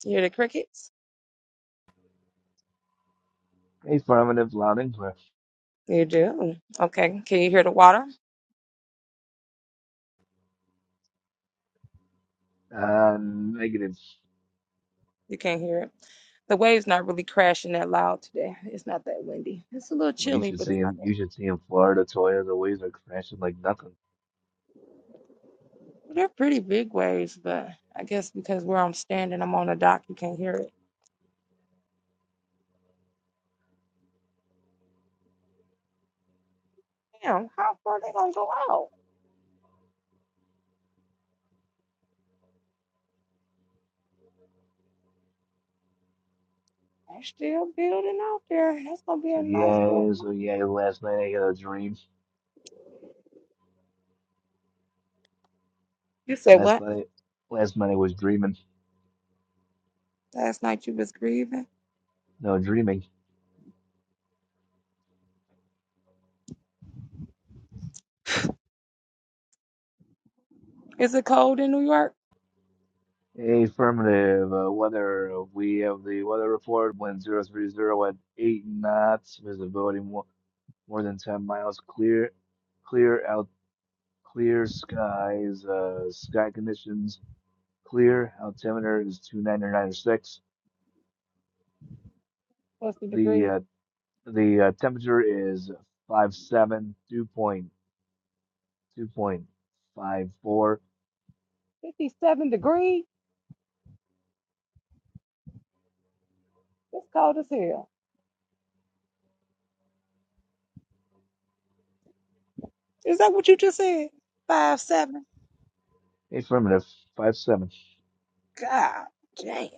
A: You hear the crickets?
C: Affirmative, loud and clear.
A: You do. Okay. Can you hear the water?
C: Uh, negative.
A: You can't hear it. The waves not really crashing that loud today. It's not that windy. It's a little
C: Well, you
A: chilly,
C: should
A: but
C: see
A: it's not.
C: him. You should see in Florida, Toya. The waves are crashing like nothing.
A: They're pretty big waves, but I guess because where I'm standing, I'm on a dock. You can't hear it. Damn, how far they gonna go out? They're still building out there. That's gonna be
C: So
A: a nice little.
C: yeah,
A: one.
C: so yeah. Last night I had a dream.
A: You said
C: Last
A: what?
C: night, last night I was dreaming.
A: Last night you was grieving.
C: No, dreaming.
A: Is it cold in New York?
C: Affirmative. Uh, weather. uh, We have the weather report. Wind zero three zero at eight knots. Visibility more more than ten miles. Clear, clear out. Clear skies, uh, sky conditions clear. Altimeter is two ninety nine or six.
A: What's the degree?
C: The uh, the uh, temperature is five seven, dew point two point five four.
A: Fifty-seven degrees. It's cold as hell. Is that what you just said? Five seven.
C: Affirmative, five seven.
A: God damn.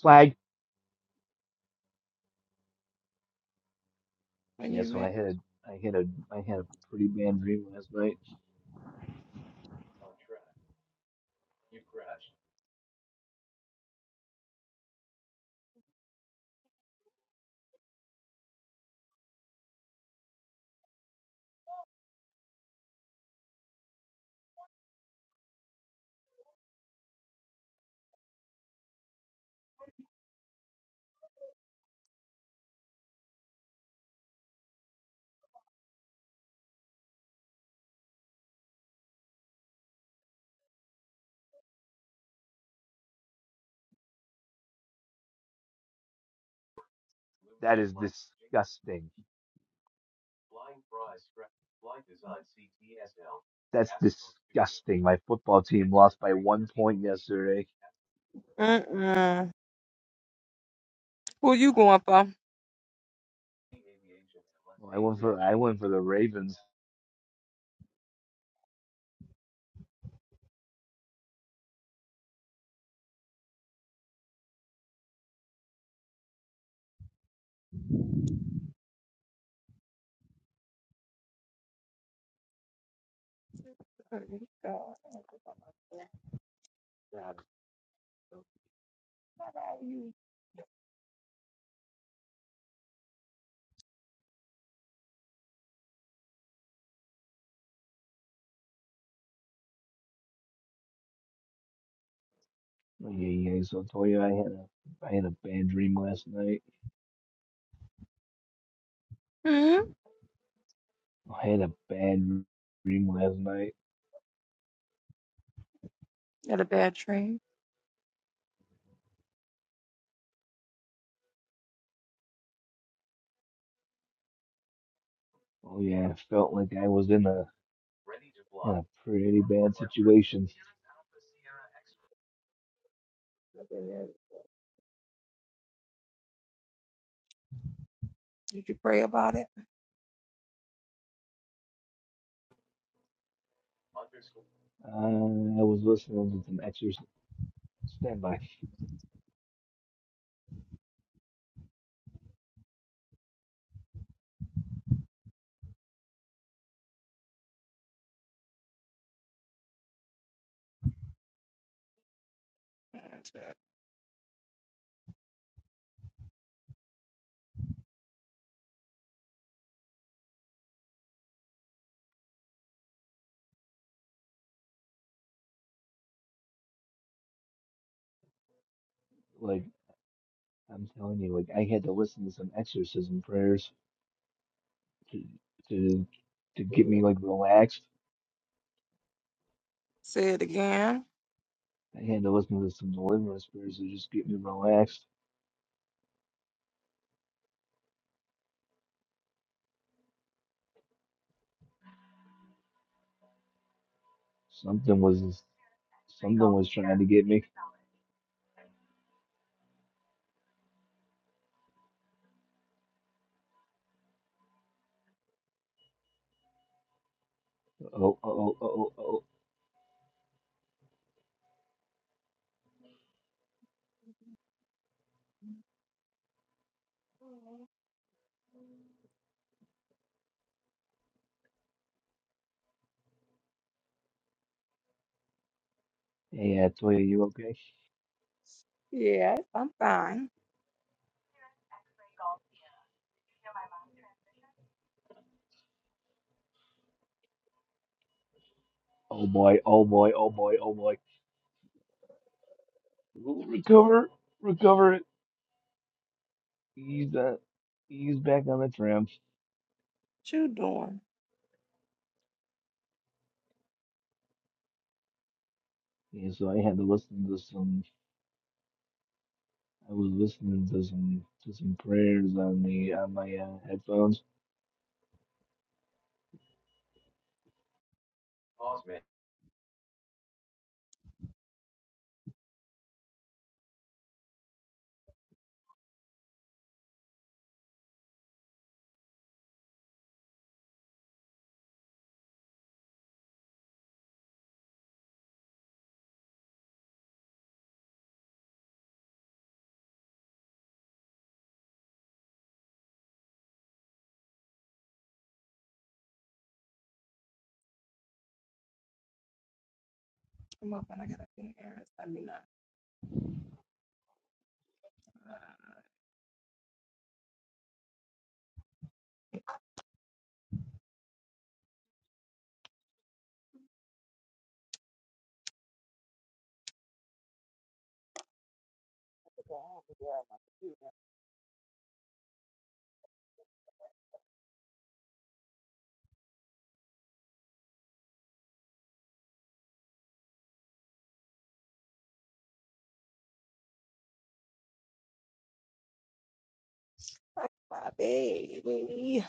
C: Flag.
A: When
C: Yeah,
A: you
C: so I
A: ready.
C: had a I had a I had a pretty bad dream last night. That is disgusting. That's disgusting. My football team lost by one point yesterday.
A: Mm-mm. Who you going for?
C: Well, I went for I went for the Ravens. Oh, Yeah, yeah. So I told you I had a I had a bad dream last night.
A: hmm
C: I had a bad dream last night.
A: Had a bad dream.
C: Oh yeah, I felt like I was in a in a pretty bad situation.
A: Did you pray about it?
C: Uh, I was listening to some exorcism. Stand by. Like I'm telling you, like I had to listen to some exorcism prayers to to to get me like relaxed.
A: Say it again.
C: I had to listen to some deliverance prayers to just get me relaxed. Something was something was trying to get me. Oh oh oh oh oh oh. Yeah, Toya, you okay?
A: Yes, I'm fine.
C: Oh boy, oh boy, oh boy, oh boy. Recover, recover. He's uh, he's back on the tram.
A: What you doing?
C: Yeah, so I had to listen to some. I was listening to some to some prayers on the on my uh, headphones.
A: I'm up and I gotta be errands. I mean, I my baby.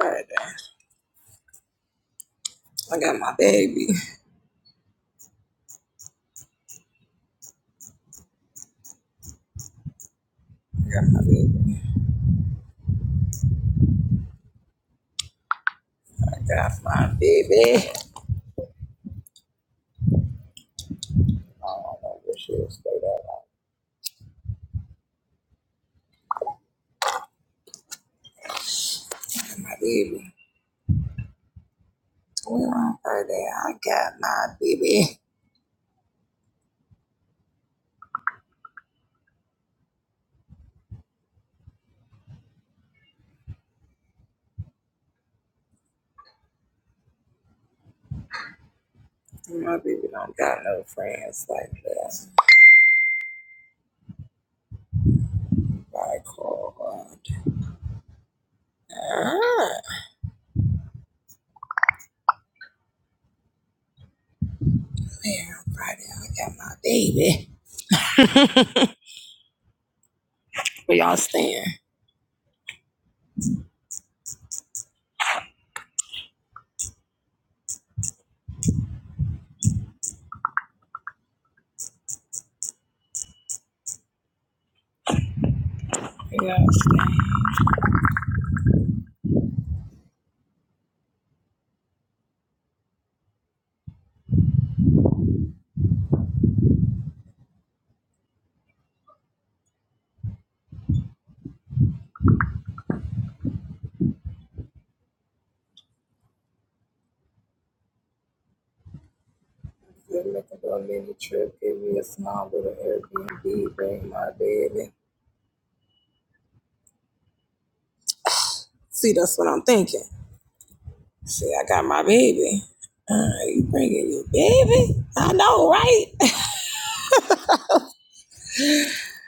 A: Alright, I got my baby. I got my baby. But y'all see, that's what I'm thinking. See, I got my baby. Uh, you bringing your baby? I know, right?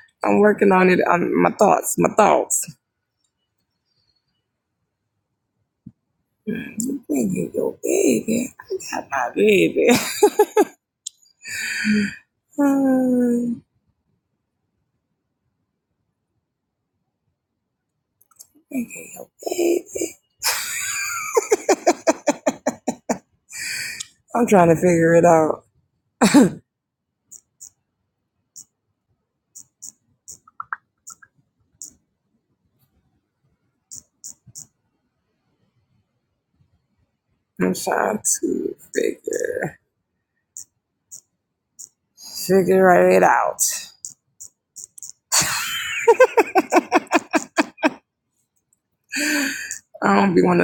A: I'm working on it. On my thoughts, my thoughts. You Bringing your baby. I got my baby. Um, bringing your baby. I'm trying to figure it out. I'm trying to figure figure it out. I don't be one.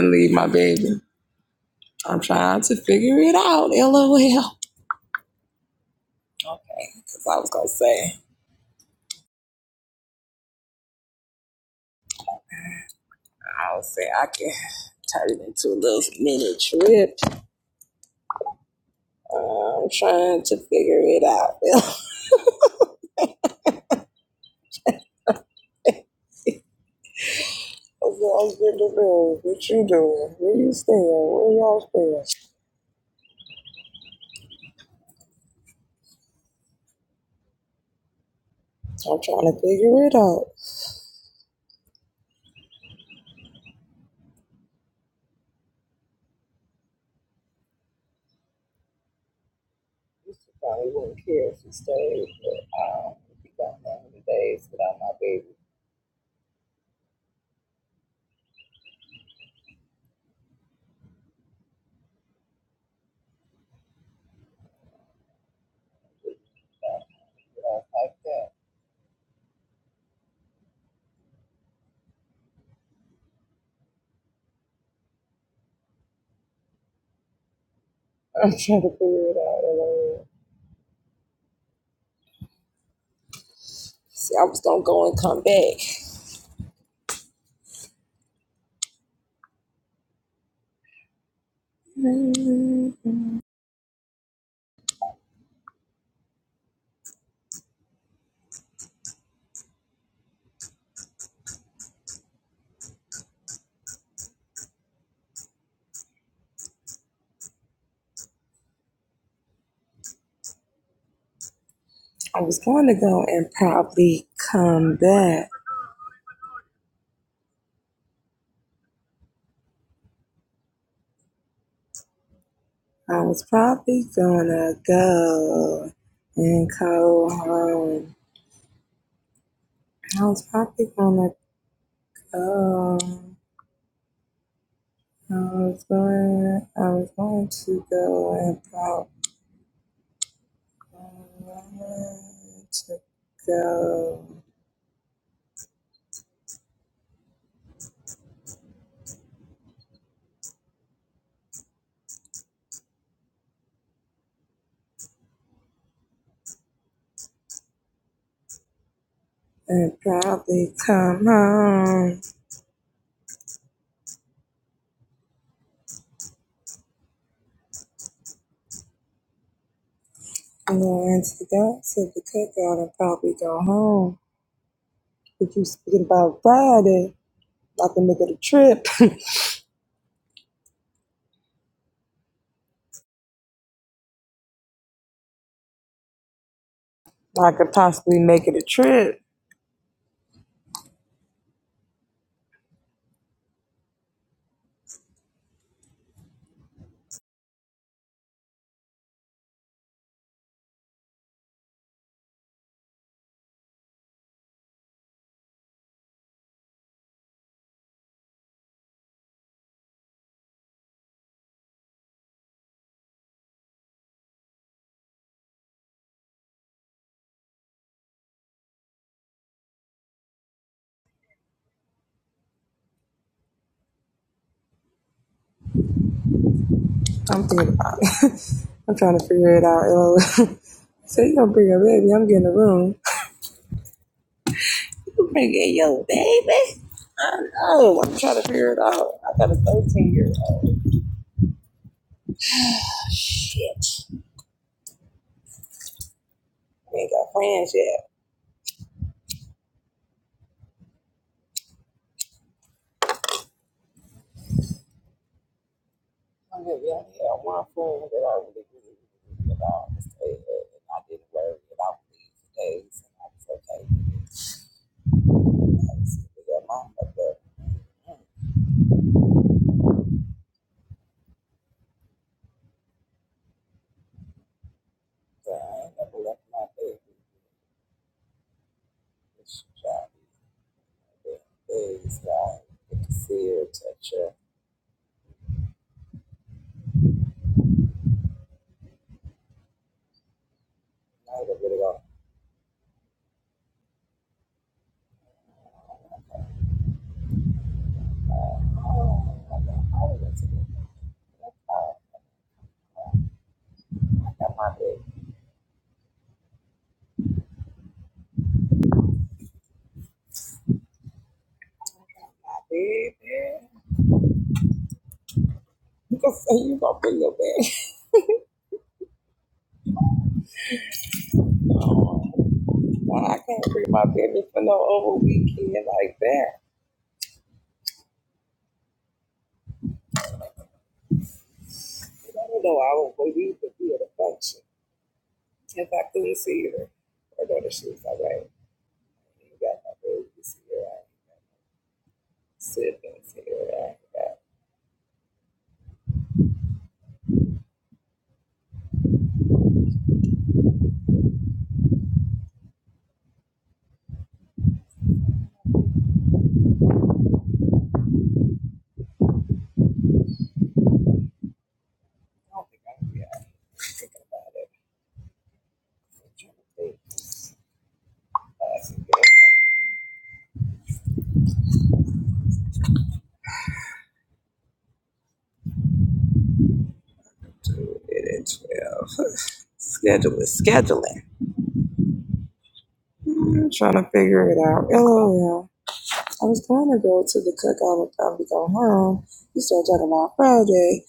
A: I'm trying. That's I was gonna say. I was say I can turn it into a little mini trip. Uh, I'm trying to figure it out. Well, See, I was gonna go and come back. Mm, I was going to go and probably come back. I was probably gonna go and go home. I was probably gonna go. I was going. I was going to go and probably to go and probably come home. I'm going to go to the cookout and probably go home. If you speaking about Friday, I can make it a trip. I could possibly make it a trip. I'm thinking about it. I'm trying to figure it out. yo. so you gonna bring your baby? I'm getting a room. You bringing your baby? I know. I'm trying to figure it out. I got a 13 year old. Shit. I ain't got from it. Yeah, yeah. One friend that I really, really, really, really loved was and I didn't worry about these days, and I was okay. with it. So, yeah, my fucked up, so I ain't never left my baby. Praise God. Good to see your night of it all. I don't know what to do. Schedule is scheduling. Hey,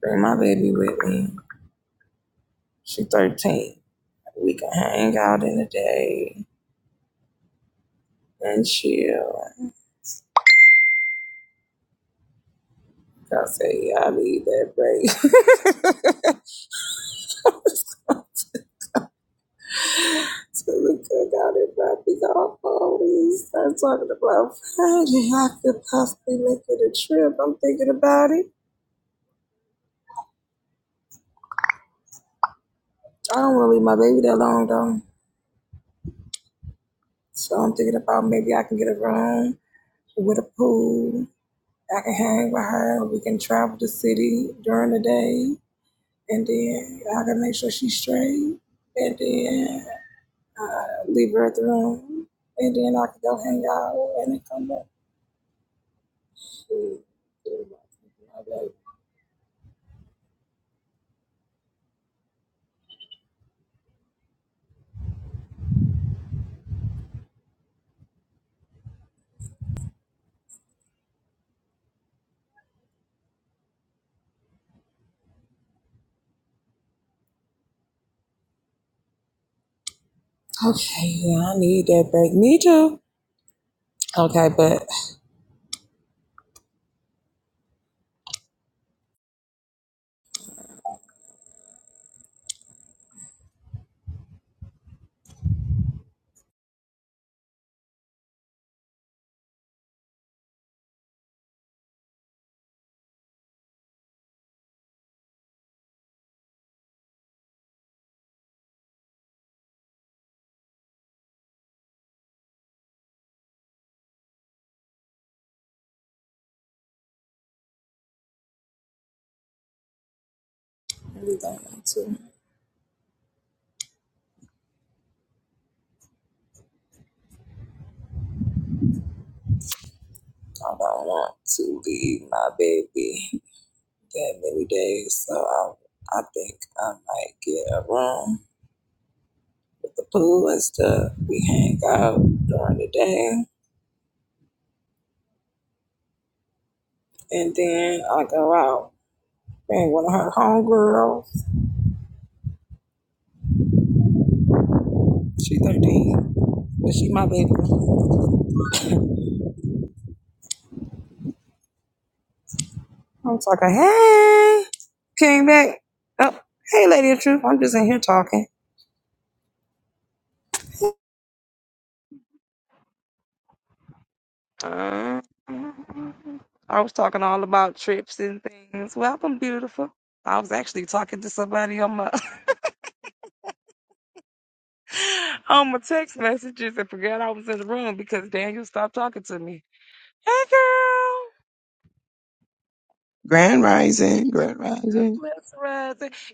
A: bring my baby with me. She's 13. We ate and chill. I say, yeah, I need that break. So to the out and my big awful. We start talking about Friday. I could possibly make it a trip. I'm thinking about it. I don't want to leave my baby that long, though. So I'm thinking about maybe I can get a room. I can hang with her. We can travel the city during the day, and then I can make sure she's straight, and then leave her at the room, and then I can go hang out. And then come. okay, yeah, I need that break. Me too. Okay, but I don't want to leave my baby that many days, so I. I think I might get a room, the pool and stuff. We hang out during the day, and then I go out. Man, one of her homegirls She 13, but she my baby. I'm talking, hey, came back. Oh, hey, lady of truth. I'm just in here talking. Uh, I was talking all about trips and things. Welcome, beautiful. I was actually talking to somebody on my on my text messages and forgot I was in the room because Daniel stopped talking to me. Hey, girl.
D: Grand Rising, Grand
A: God
D: Rising.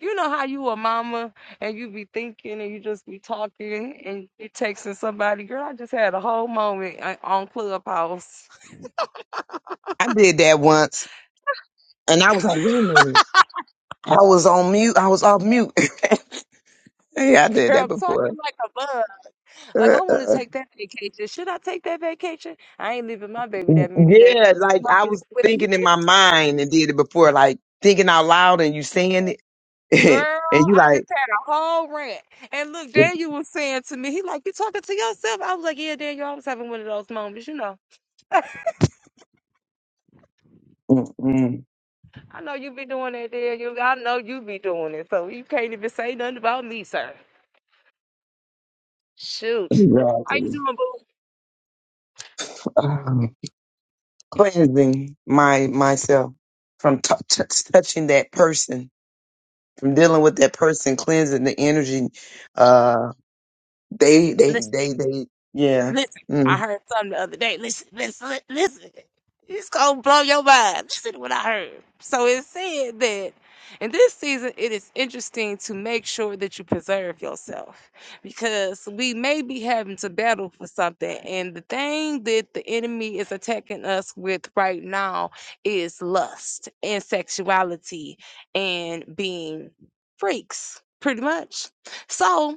A: You know how you a mama and you be thinking and you just be talking and you texting somebody. Girl, I just had a whole moment uh, on Clubhouse.
D: I did that once, and I was like, wait a minute. I was on mute. I was off mute. yeah, I did that
A: Girl, talking
D: before.
A: like a bug.
D: Uh,
A: Like I
D: uh,
A: want to
D: uh.
A: take that vacation. Should I take that vacation? I ain't leaving my baby that many days. I
D: yeah, like
A: my
D: I
A: baby
D: was
A: with me.
D: thinking in my mind and did it before, like thinking out loud and you saying it,
A: Girl,
D: and you
A: I just
D: like
A: had a whole rant. And look,
D: mm,
A: Daniel was saying to me, he like, you talking to yourself? I was like, yeah, Daniel, I was having one of those moments, you know.
D: mm, mm."
A: I know you be doing that, there. You, I know you be doing it. So you can't even say nothing about me, sir. Shoot. How you
D: exactly
A: doing,
D: Um, cleansing my myself from t- t- touching that person, from dealing with that person, cleansing the energy. uh, They,
A: boo?
D: they, they, they, yeah.
A: Listen, I
D: Mm.
A: heard something the other day. Listen, listen, listen. It's gonna blow your mind. Listen to what I heard. So it said that in this season, it is interesting to make sure that you preserve yourself because we may be having to battle for something. And the thing that the enemy is attacking us with right now is lust and sexuality and being freaks, pretty much. So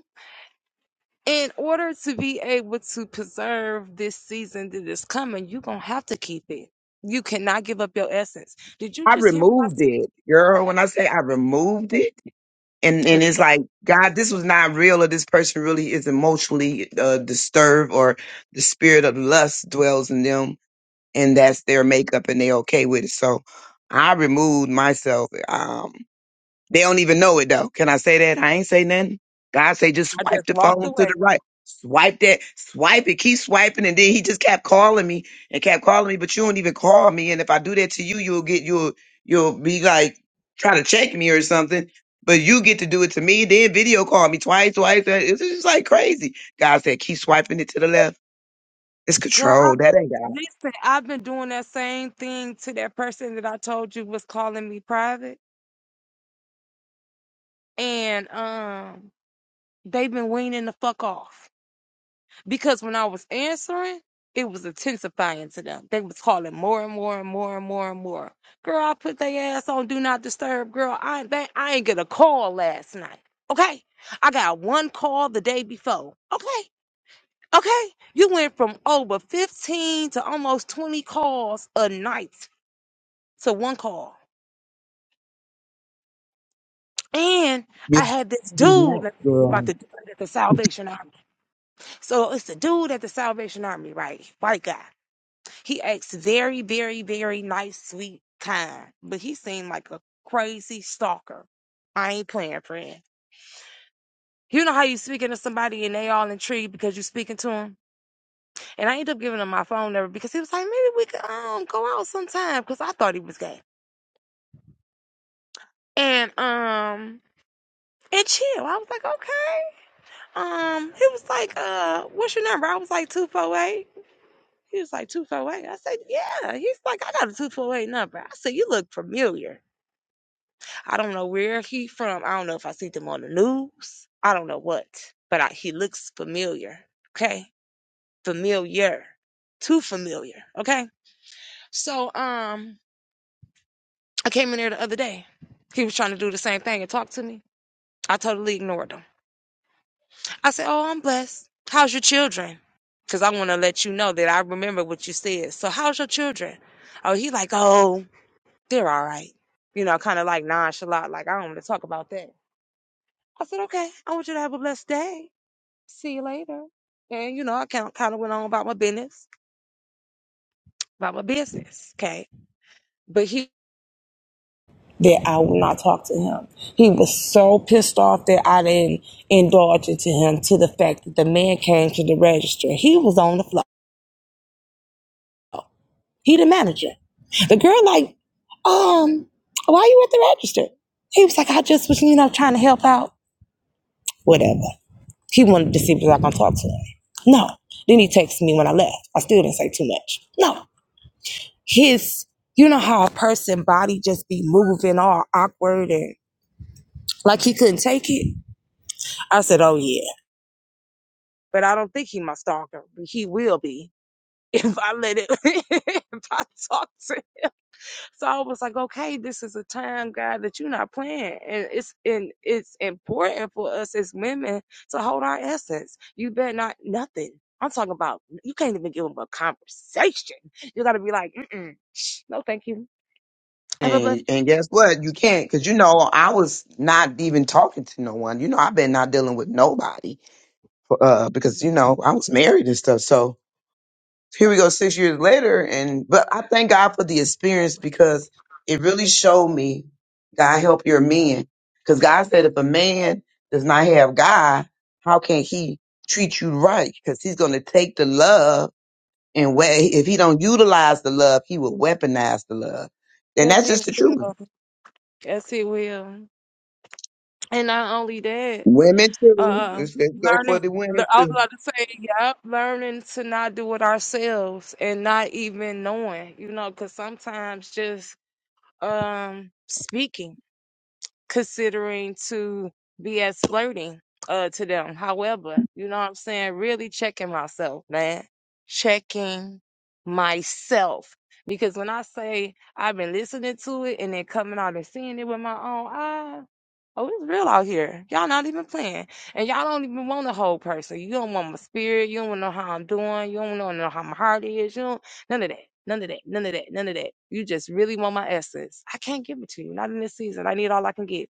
A: in order to be able to preserve this season that is coming, you're gonna have to keep it. You cannot give up your essence. Did you
D: I
A: just hear what I
D: removed
A: said?
D: it, girl. When I say I removed it, and and
A: 'Cause
D: it's
A: baby,
D: like, God, this was not real, or this person really is emotionally uh, disturbed, or the spirit of lust dwells in them, and that's their makeup, and they okay with it. So, I removed myself. Um, They don't even know it though. Can I say that? I ain't say nothing. God say just
A: I
D: swipe the phone to the right. Swipe that, swipe it, keep swiping, and then he just kept calling me and kept calling me, but you don't even call me. And if I do that to you, you'll get you'll you'll be like trying to check me or something. But you get to do it to me, then video call me twice, twice. uh, It's just like crazy. God said, keep swiping it to the left. It's
A: just- girl, I
D: control. That ain't God.
A: listen, I've been doing that same thing to that person that I told you was calling me private. And um they've been weaning the fuck off. because when I was answering, it was intensifying to them. They was calling more and more and more and more and more. Girl, I put their ass on do not disturb. Girl, I they, I ain't get a call last night. Okay, I got one call the day before. Okay, okay, you went from over fifteen to almost twenty calls a night to one call. And
D: Yeah,
A: I had this
D: do
A: dude,
D: that,
A: let me tell you
D: girl.
A: about the dude at the Salvation Army. So it's the dude at the Salvation Army, right? White guy. He acts very, very, very nice, sweet, kind, but he seemed like a crazy stalker. I ain't playing, friend. You know how you speaking to somebody and they all intrigued because you speaking to him? And I ended up giving him my phone number because he was like, maybe we could um go out sometime because I thought he was gay. And um and chill. I was like, okay. Um, he was like, uh, what's your number? I was like two four eight. He was like two four eight. I said, yeah. He's like, I got a two four eight number. I said, you look familiar. I don't know where he from. I don't know if I seen him on the news. I don't know what, but I, he looks familiar. Okay, familiar, too familiar. Okay, so um, I came in there the other day. He was trying to do the same thing and talk to me. I totally ignored him. I said, "Oh, I'm blessed. How's your children?" Because I want to let you know that I remember what you said. So, how's your children? Oh, he like, oh, they're all right. You know, kind of like nonchalant, like I don't want to talk about that. I said, okay, I want you to have a blessed day. see you later. And you know, I kind kind of went on about my business, about my business. Okay, but he that I would not talk to him. He was so pissed off that I didn't indulge into him to the fact that the man came to the register. He was on the floor. He the manager. The girl like, um, why you at the register? He was like, I just was, you know, trying to help out. Whatever. He wanted to see if I was gonna talk to him. No. Then he texted me when I left. I still didn't say too much. No. his you know how a person body just be moving all awkward and like he couldn't take it i said oh yeah but i don't think he my stalker but he will be if i let it if i talk to him, so i was like okay this is a time god that you're not playing and it's and it's important for us as women to hold our essence you better not nothing i'm talking about you can't even give him a conversation you gotta be like Mm-mm, no thank you have a blessed
D: And, and guess what? You can't, because you know I was not even talking to no one. You know I've been not dealing with nobody, uh, because you know I was married and stuff. So here we go, six years later, and but I thank God for the experience because it really showed me God help your men, because God said if a man does not have God, how can he treat you right? Because he's going to take the love and way if he don't utilize the love, he will weaponize the love, and that's
A: day
D: just the truth
A: Jesse. Yes, it will. And not only that,
D: Women too.
A: uh,
D: Let's, let's go for
A: learning.
D: the women
A: le- I was
D: too.
A: about to say, yep, learning to not do it ourselves and not even knowing, you know, because sometimes just um speaking, considering to be as flirting uh to them. However, you know what I'm saying? Really checking myself, man. Checking myself. Because when I say I've been listening to it and then coming out and seeing it with my own eyes. Oh, it's real out here. Y'all not even playing. And y'all don't even want a whole person. You don't want my spirit. You don't want to know how I'm doing. You don't want to know how my heart is. You don't, none of that. None of that. None of that. None of that. You just really want my essence. I can't give it to you. Not in this season. I need all I can get.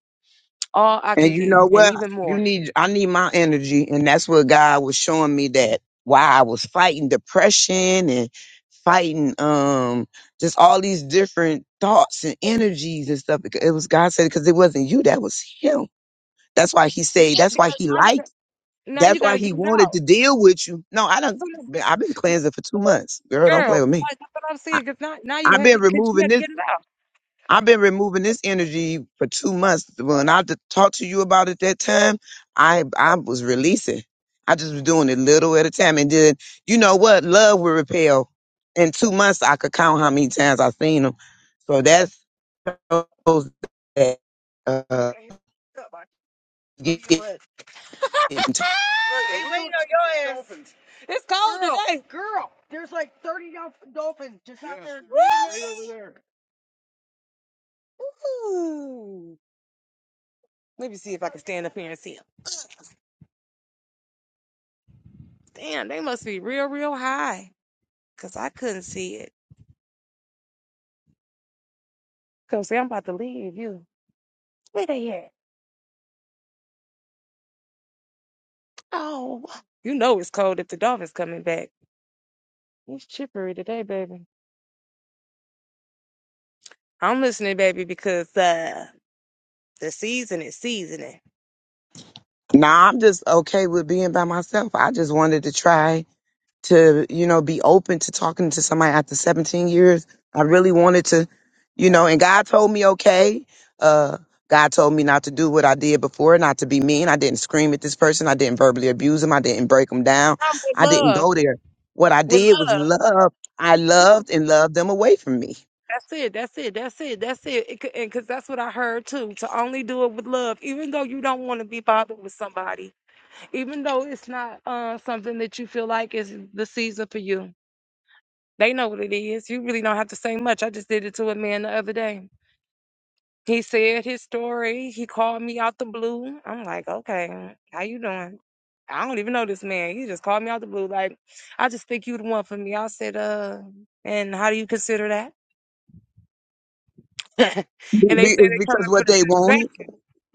A: All I
D: And
A: can
D: you
A: get.
D: know
A: And
D: what?
A: even
D: You
A: more.
D: need I need my energy. And that's what God was showing me that why I was fighting depression and fighting um just all these different thoughts and energies and stuff. Because it was God said because it wasn't you, that was him. That's why he said,
A: Yeah,
D: that's why
A: because
D: he
A: now you got,
D: liked,
A: now you
D: that's
A: got to
D: why
A: get
D: he
A: it
D: wanted
A: out.
D: to deal with you. No, I don't
A: So,
D: I've been cleansing for two months. Girl, don't play
A: girl,
D: with me.
A: like, that's what I'm
D: I,
A: saying. Because now, now you
D: I've
A: had
D: been
A: to, because you
D: removing
A: had to
D: this.
A: get it out.
D: I've been removing this energy for two months. When I d- talked to you about it that time, I I was releasing. I just was doing it little at a time, and then you know what? Love will repel. In two months, I could count how many times I've seen them. So that shows that uh, getting t-
A: Ooh. Let me see if I can stand up here and see them. Damn, they must be real, real high. Cause I couldn't see it. Cause see, I'm about to leave you. Where they at? Oh, you know it's cold if the dolphin's coming back. It's chippery today, baby. I'm listening, baby, because uh The season is seasoning.
D: nah, I'm just okay with being by myself. I just wanted to try to you know be open to talking to somebody after 17 years i really wanted to you know and god told me okay uh god told me not to do what i did before not to be mean i didn't scream at this person i didn't verbally abuse him i didn't break him down
A: No, with
D: i didn't
A: love,
D: go there what i
A: with
D: did was
A: love.
D: love i
A: Yeah,
D: loved and loved them away from me
A: that's it. That's it. That's it. That's it. it c- and because that's what I heard too. To only do it with love, even though you don't want to be bothered with somebody, even though it's not uh, something that you feel like is the season for you. They know what it is. You really don't have to say much. I just did it to a man the other day. He said his story. He called me out the blue. I'm like, okay, how you doing? I don't even know this man. He just called me out the blue. Like, I just think you the one for me. I said, uh, and how do you consider that?
D: Be-
A: and they
D: be-
A: say
D: it's
A: they
D: because
A: coming for
D: what
A: the
D: they
A: distraction.
D: wanted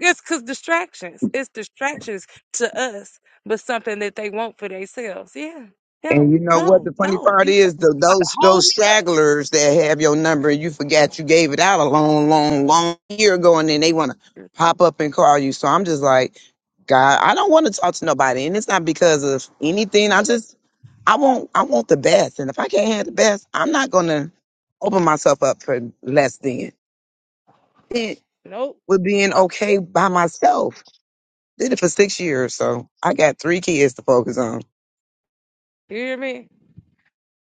A: It's cause distractions. It's distractions to us, but something that they want for themselves. Yeah.
D: And
A: No,
D: you know what?
A: no,
D: The funny
A: no.
D: part
A: You, t-
D: is the,
A: you about to
D: those
A: hold
D: those
A: me up.
D: stragglers that have your number, you forgot you gave it out a long, long, long year ago, and then they want to
A: Nope.
D: pop up and call you. So I'm just like, God, I don't want to talk to nobody, and it's not because of anything. I just I want I want the best, and if I can't have the best, I'm not gonna open myself up for less than. It with
A: nope.
D: being okay by myself. Did it for six years, so I got three kids to focus on.
A: You hear me?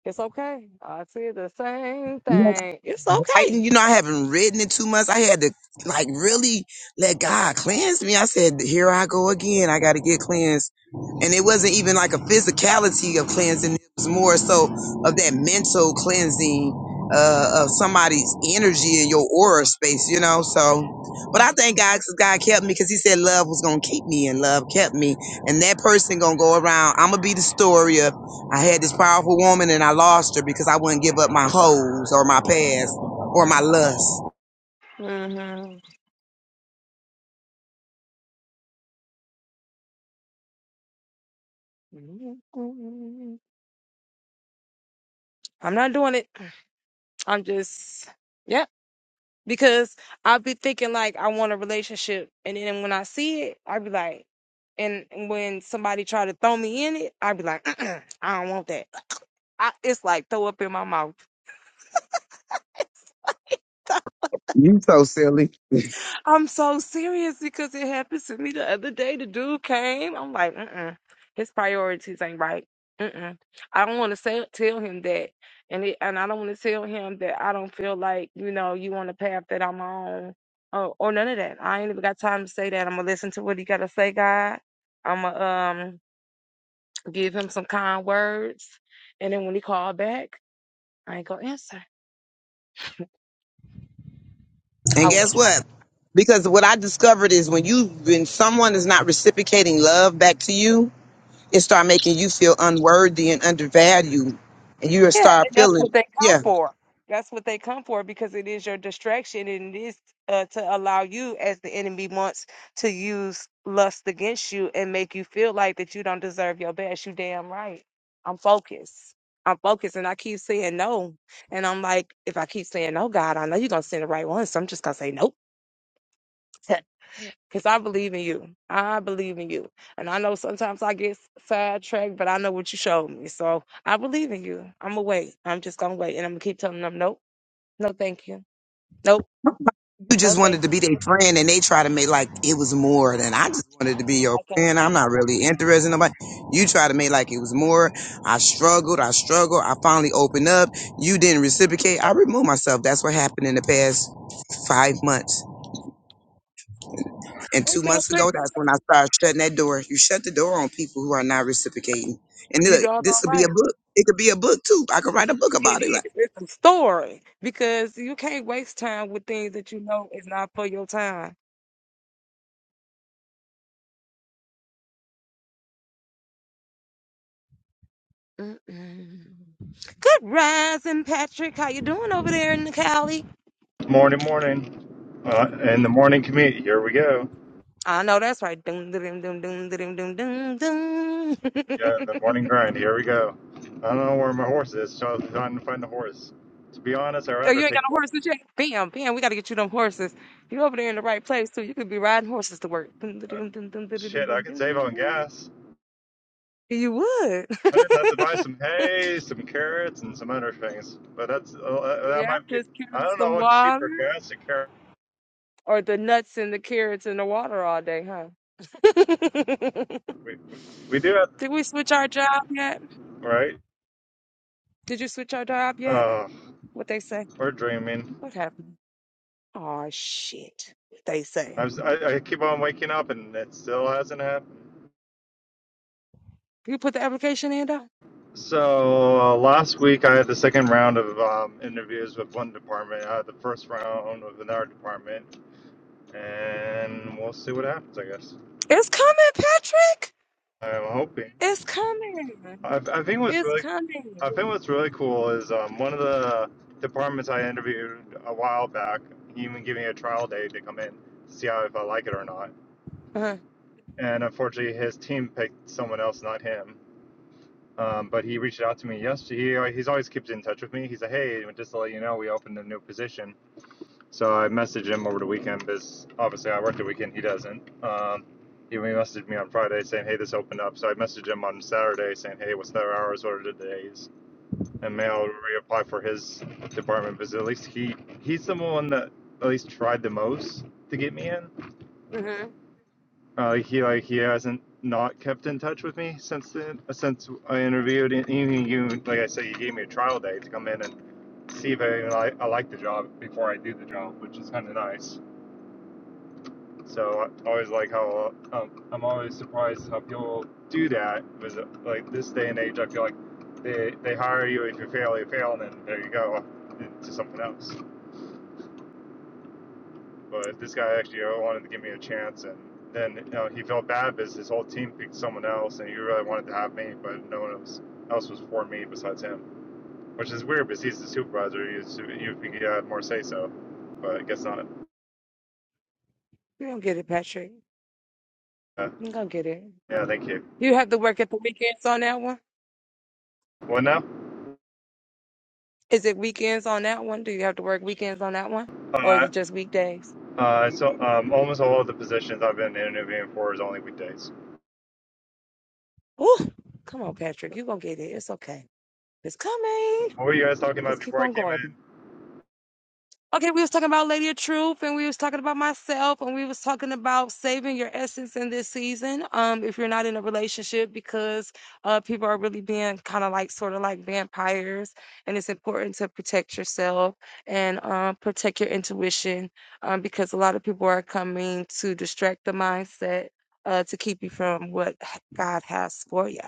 A: It's okay. I said the same thing. It's
D: I,
A: okay.
D: you know, I haven't written in two months. I had to like really let God cleanse me. I said, here I go again. I got to get cleansed. And it wasn't even like a physicality of cleansing. It was more so of that mental cleansing uh, of somebody's energy in your aura space, you know? So, but I thank God because God kept me because he said love was going to keep me and love kept me. And that person going to go around. I'm going to be the story of I had this powerful woman and I lost her because I wouldn't give up my hoes or my past or my lust.
A: hmm I'm not doing it. I'm just, yep. Because I'll be thinking like I want a relationship, and then when I see it, I'll be like, and when somebody try to throw me in it, I'll be like, I don't want that. I, it's like throw up in my mouth.
D: You so silly.
A: I'm so serious because it happened to me the other day. The dude came. I'm like, mm-mm. His priorities ain't right. Mm-mm. I don't want to say tell him that, and it, and I don't want to tell him that I don't feel like you know you on the path that I'm on, or, or none of that. I ain't even got time to say that. I'm gonna listen to what he gotta say, God. I'm gonna um give him some kind words, and then when he called back, I ain't gonna answer.
D: And guess what? Because what I discovered is when you when someone is not reciprocating love back to you, it start making you feel unworthy and undervalued, and you
A: Yeah,
D: start
A: and that's
D: feeling
A: what they come
D: yeah.
A: for. That's what they come for because it is your distraction and it is uh, to allow you, as the enemy wants, to use lust against you and make you feel like that you don't deserve your best. You damn right. I'm focused. I'm focused and I keep saying no. And I'm like, if I keep saying no, God, I know you're going to send the right one. So I'm just going to say nope. Because I believe in you. I believe in you. And I know sometimes I get sidetracked, but I know what you showed me. So I believe in you. I'm going to wait. I'm just going to wait. And I'm going to keep telling them, nope, no, thank you. Nope,
D: You
A: no,
D: just
A: thank
D: wanted to
A: you.
D: be their friend, and they try to make like it was more than I just wanted
A: Oh,
D: to be your
A: I can't
D: friend.
A: do
D: I'm
A: it.
D: not really interested in nobody. You try to make like it was more. I struggled. I struggled. I finally opened up. You didn't reciprocate. I removed myself. That's what happened in the past five months. And
A: Hey,
D: two months
A: Patrick,
D: ago, that's when I started shutting that door. You shut the door on people who are not reciprocating. And
A: you
D: look, this
A: doggone
D: could be a
A: right.
D: book. It could be a book too. I could write a book
A: It
D: about it. Like,
A: is. It's a story because you can't waste time with things that you know is not for your time. Mm-mm. Good rising, Patrick. How you doing over there in the Cali?
E: Morning, morning. Uh, in the morning commute, here we go.
A: I know that's right. Dun, dun, dun, dun, dun, dun, dun, dun.
E: Yeah, the morning grind, here we go. I don't know where my horse is, so I'm trying to find the horse. To be honest, I'd
A: oh,
E: rather
A: you ain't got
E: take
A: no
E: more.
A: horses yet? Bam, bam. We got to get you them horses. You over there in the right place, too. You could be riding horses to work. Dun,
E: Uh,
A: dun, dun, dun, dun, dun, dun, dun,
E: shit, I could save
A: dun,
E: on
A: dun.
E: gas.
A: You would.
E: I just have to buy some hay, some carrots, and some other things. But that's uh, that
A: Yeah,
E: might be.
A: just
E: I
A: carrying
E: don't know
A: some
E: what's
A: water
E: cheaper, gas or carrots.
A: or the nuts and the carrots in the water all day, huh?
E: We, we, we do have,
A: Did we switch our job yet?
E: right?
A: Did you switch our job yet?
E: Uh,
A: What they say?
E: we're dreaming.
A: What happened? Oh shit. What they say?
E: I, was, I, I keep on waking up, and it still hasn't happened.
A: You put the application in though?
E: So uh, last week I had the second round of um, interviews with one department. I had the first round with another department, and we'll see what happens. I guess
A: It's coming, Patrick.
E: I'm hoping.
A: It's coming.
E: I, I think what's
A: It's
E: really,
A: coming.
E: I think what's really cool is um, one of the departments I interviewed a while back. He even gave me a trial day to come in to see how if I like it or not.
A: Uh, huh.
E: And unfortunately, his team picked someone else, not him. Um, but he reached out to me yesterday. He, uh, he's always keeps in touch with me. He's like, "Hey, just to let you know, we opened a new position." So I messaged him over the weekend because obviously I work the weekend. He doesn't. Um, he messaged me on Friday saying, "Hey, this opened up." So I messaged him on Saturday saying, "Hey, what's their hours? What are the days?" And may i reapply for his department because at least he he's the one that at least tried the most to get me in.
A: mm-hmm.
E: Uh, he like he hasn't not kept in touch with me since then since I interviewed. And even you, like I said, you gave me a trial day to come in and see if I, I, I like the job before I do the job, which is kind of nice. So I always like how um, I'm always surprised how people do that. Was like this day and age, I feel like they they hire you if you fail, you fail, and then there you go to something else. But this guy actually uh, wanted to give me a chance, and then you know, he felt bad because his whole team picked someone else, and he really wanted to have me, but no one else else was for me besides him, which is weird because he's the supervisor. You you think he had more say so, but I guess not.
A: You gonna get it, Patrick.
E: Uh,
A: You gonna get it.
E: yeah, thank you.
A: You have to work at the weekends on that one.
E: Well, now.
A: Is it weekends on that one? Do you have to work weekends on that one, or is
E: Uh,
A: it just weekdays?
E: Uh, so um, almost all of the positions I've been interviewing for is only weekdays.
A: Ooh, come on, Patrick. You're going to get it. It's okay. It's coming.
E: What were you guys talking
A: Just
E: about
A: keep
E: before I
A: on
E: came
A: going.
E: in?
A: Okay, we was talking about Lady of Truth, and we was talking about myself, and we was talking about saving your essence in this season. Um, if you're not in a relationship, because uh, people are really being kind of like sort of like vampires, and it's important to protect yourself and um, protect your intuition, um, because a lot of people are coming to distract the mindset uh, to keep you from what God has for you.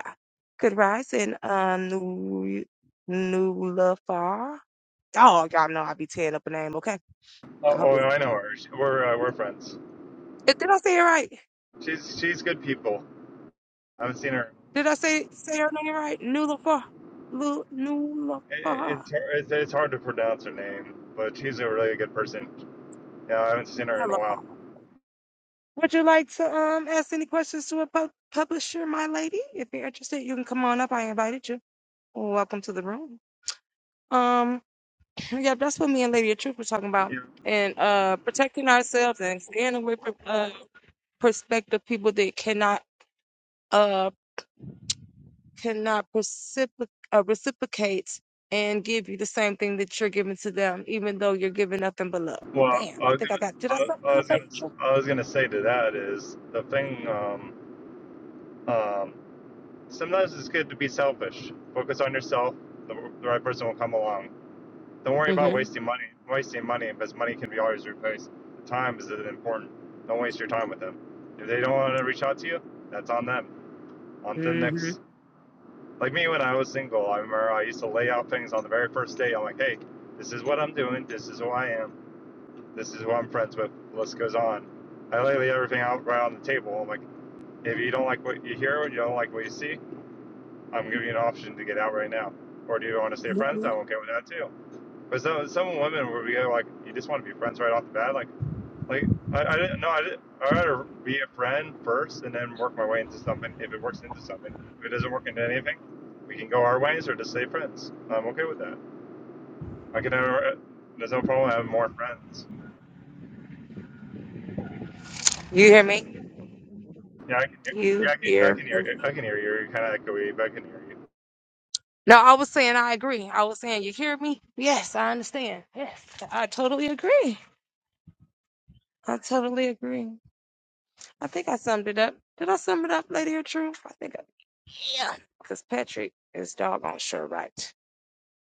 A: Good rise and um, new, new love far. Oh, y'all know I be tearing up a name, okay?
E: Oh,
A: I hope
E: oh
A: it.
E: I know her. She- We're uh, we're friends.
A: Did did I say it right?
E: She's she's good people. I haven't seen her.
A: Did I say say her name right? Nulafa. Lu
E: It, it,
A: Nulafa.
E: it's it's hard to pronounce her name, but she's a really good person. Yeah, I haven't seen her in a
A: Nulafa.
E: while.
A: Would you like to um ask any questions to a pub- publisher, my lady? If you're interested, you can come on up. I invited you. Well, Welcome to the room. Um, yeah, that's what me and Lady of Truth were talking about,
E: Yeah.
A: and uh, protecting ourselves and staying away from uh prospective people that cannot uh. cannot precipic- uh, reciprocate and give you the same thing that you're giving to them, even though you're giving nothing but love.
E: Well,
A: Damn,
E: I
A: I
E: was
A: think I
E: gonna
A: got did I
E: I, I was gonna s- I was gonna say to that is the thing. Um, um, sometimes it's good to be selfish. Focus on yourself. The, the right person will come along. Don't worry about
A: something?
E: wasting money. Wasting money because money can be always replaced. Time is important. Don't waste your time with them. If they don't want to reach out to you, that's on them. On
A: hmm
E: to the
A: hmm
E: next. Like me when I was single, I remember I used to lay out things on the very first date. I'm like, hey, this is what I'm doing. This is who I am. This is who I'm friends with. The list goes on. I lay everything out right on the table. I'm like, if you don't like what you hear, or you don't like what you see, I'm giving you an option to get out right now. Or do you want to stay friends? I'm okay with that too. But some some women where we go like, you just want to be friends right off the bat. Like like I, I didn't no I didn't I'd rather be a friend first and then work my way into something. If it works into something, if it doesn't work into anything, we can go our ways or just stay friends. I'm okay with that. I can never. There's no problem having more friends.
A: You hear me?
E: Yeah, I can. Yeah,
A: You
E: I can. I
A: hear
E: can hear.
A: me?
E: I can hear you. You're kind of echoey, but I can hear you.
A: No, I was saying I agree. I was saying you hear me? Yes, I understand. Yes, I totally agree. I totally agree. I think I summed it up. Did I sum it up, Lady of Truth? I think I yeah. Because Patrick is doggone sure right.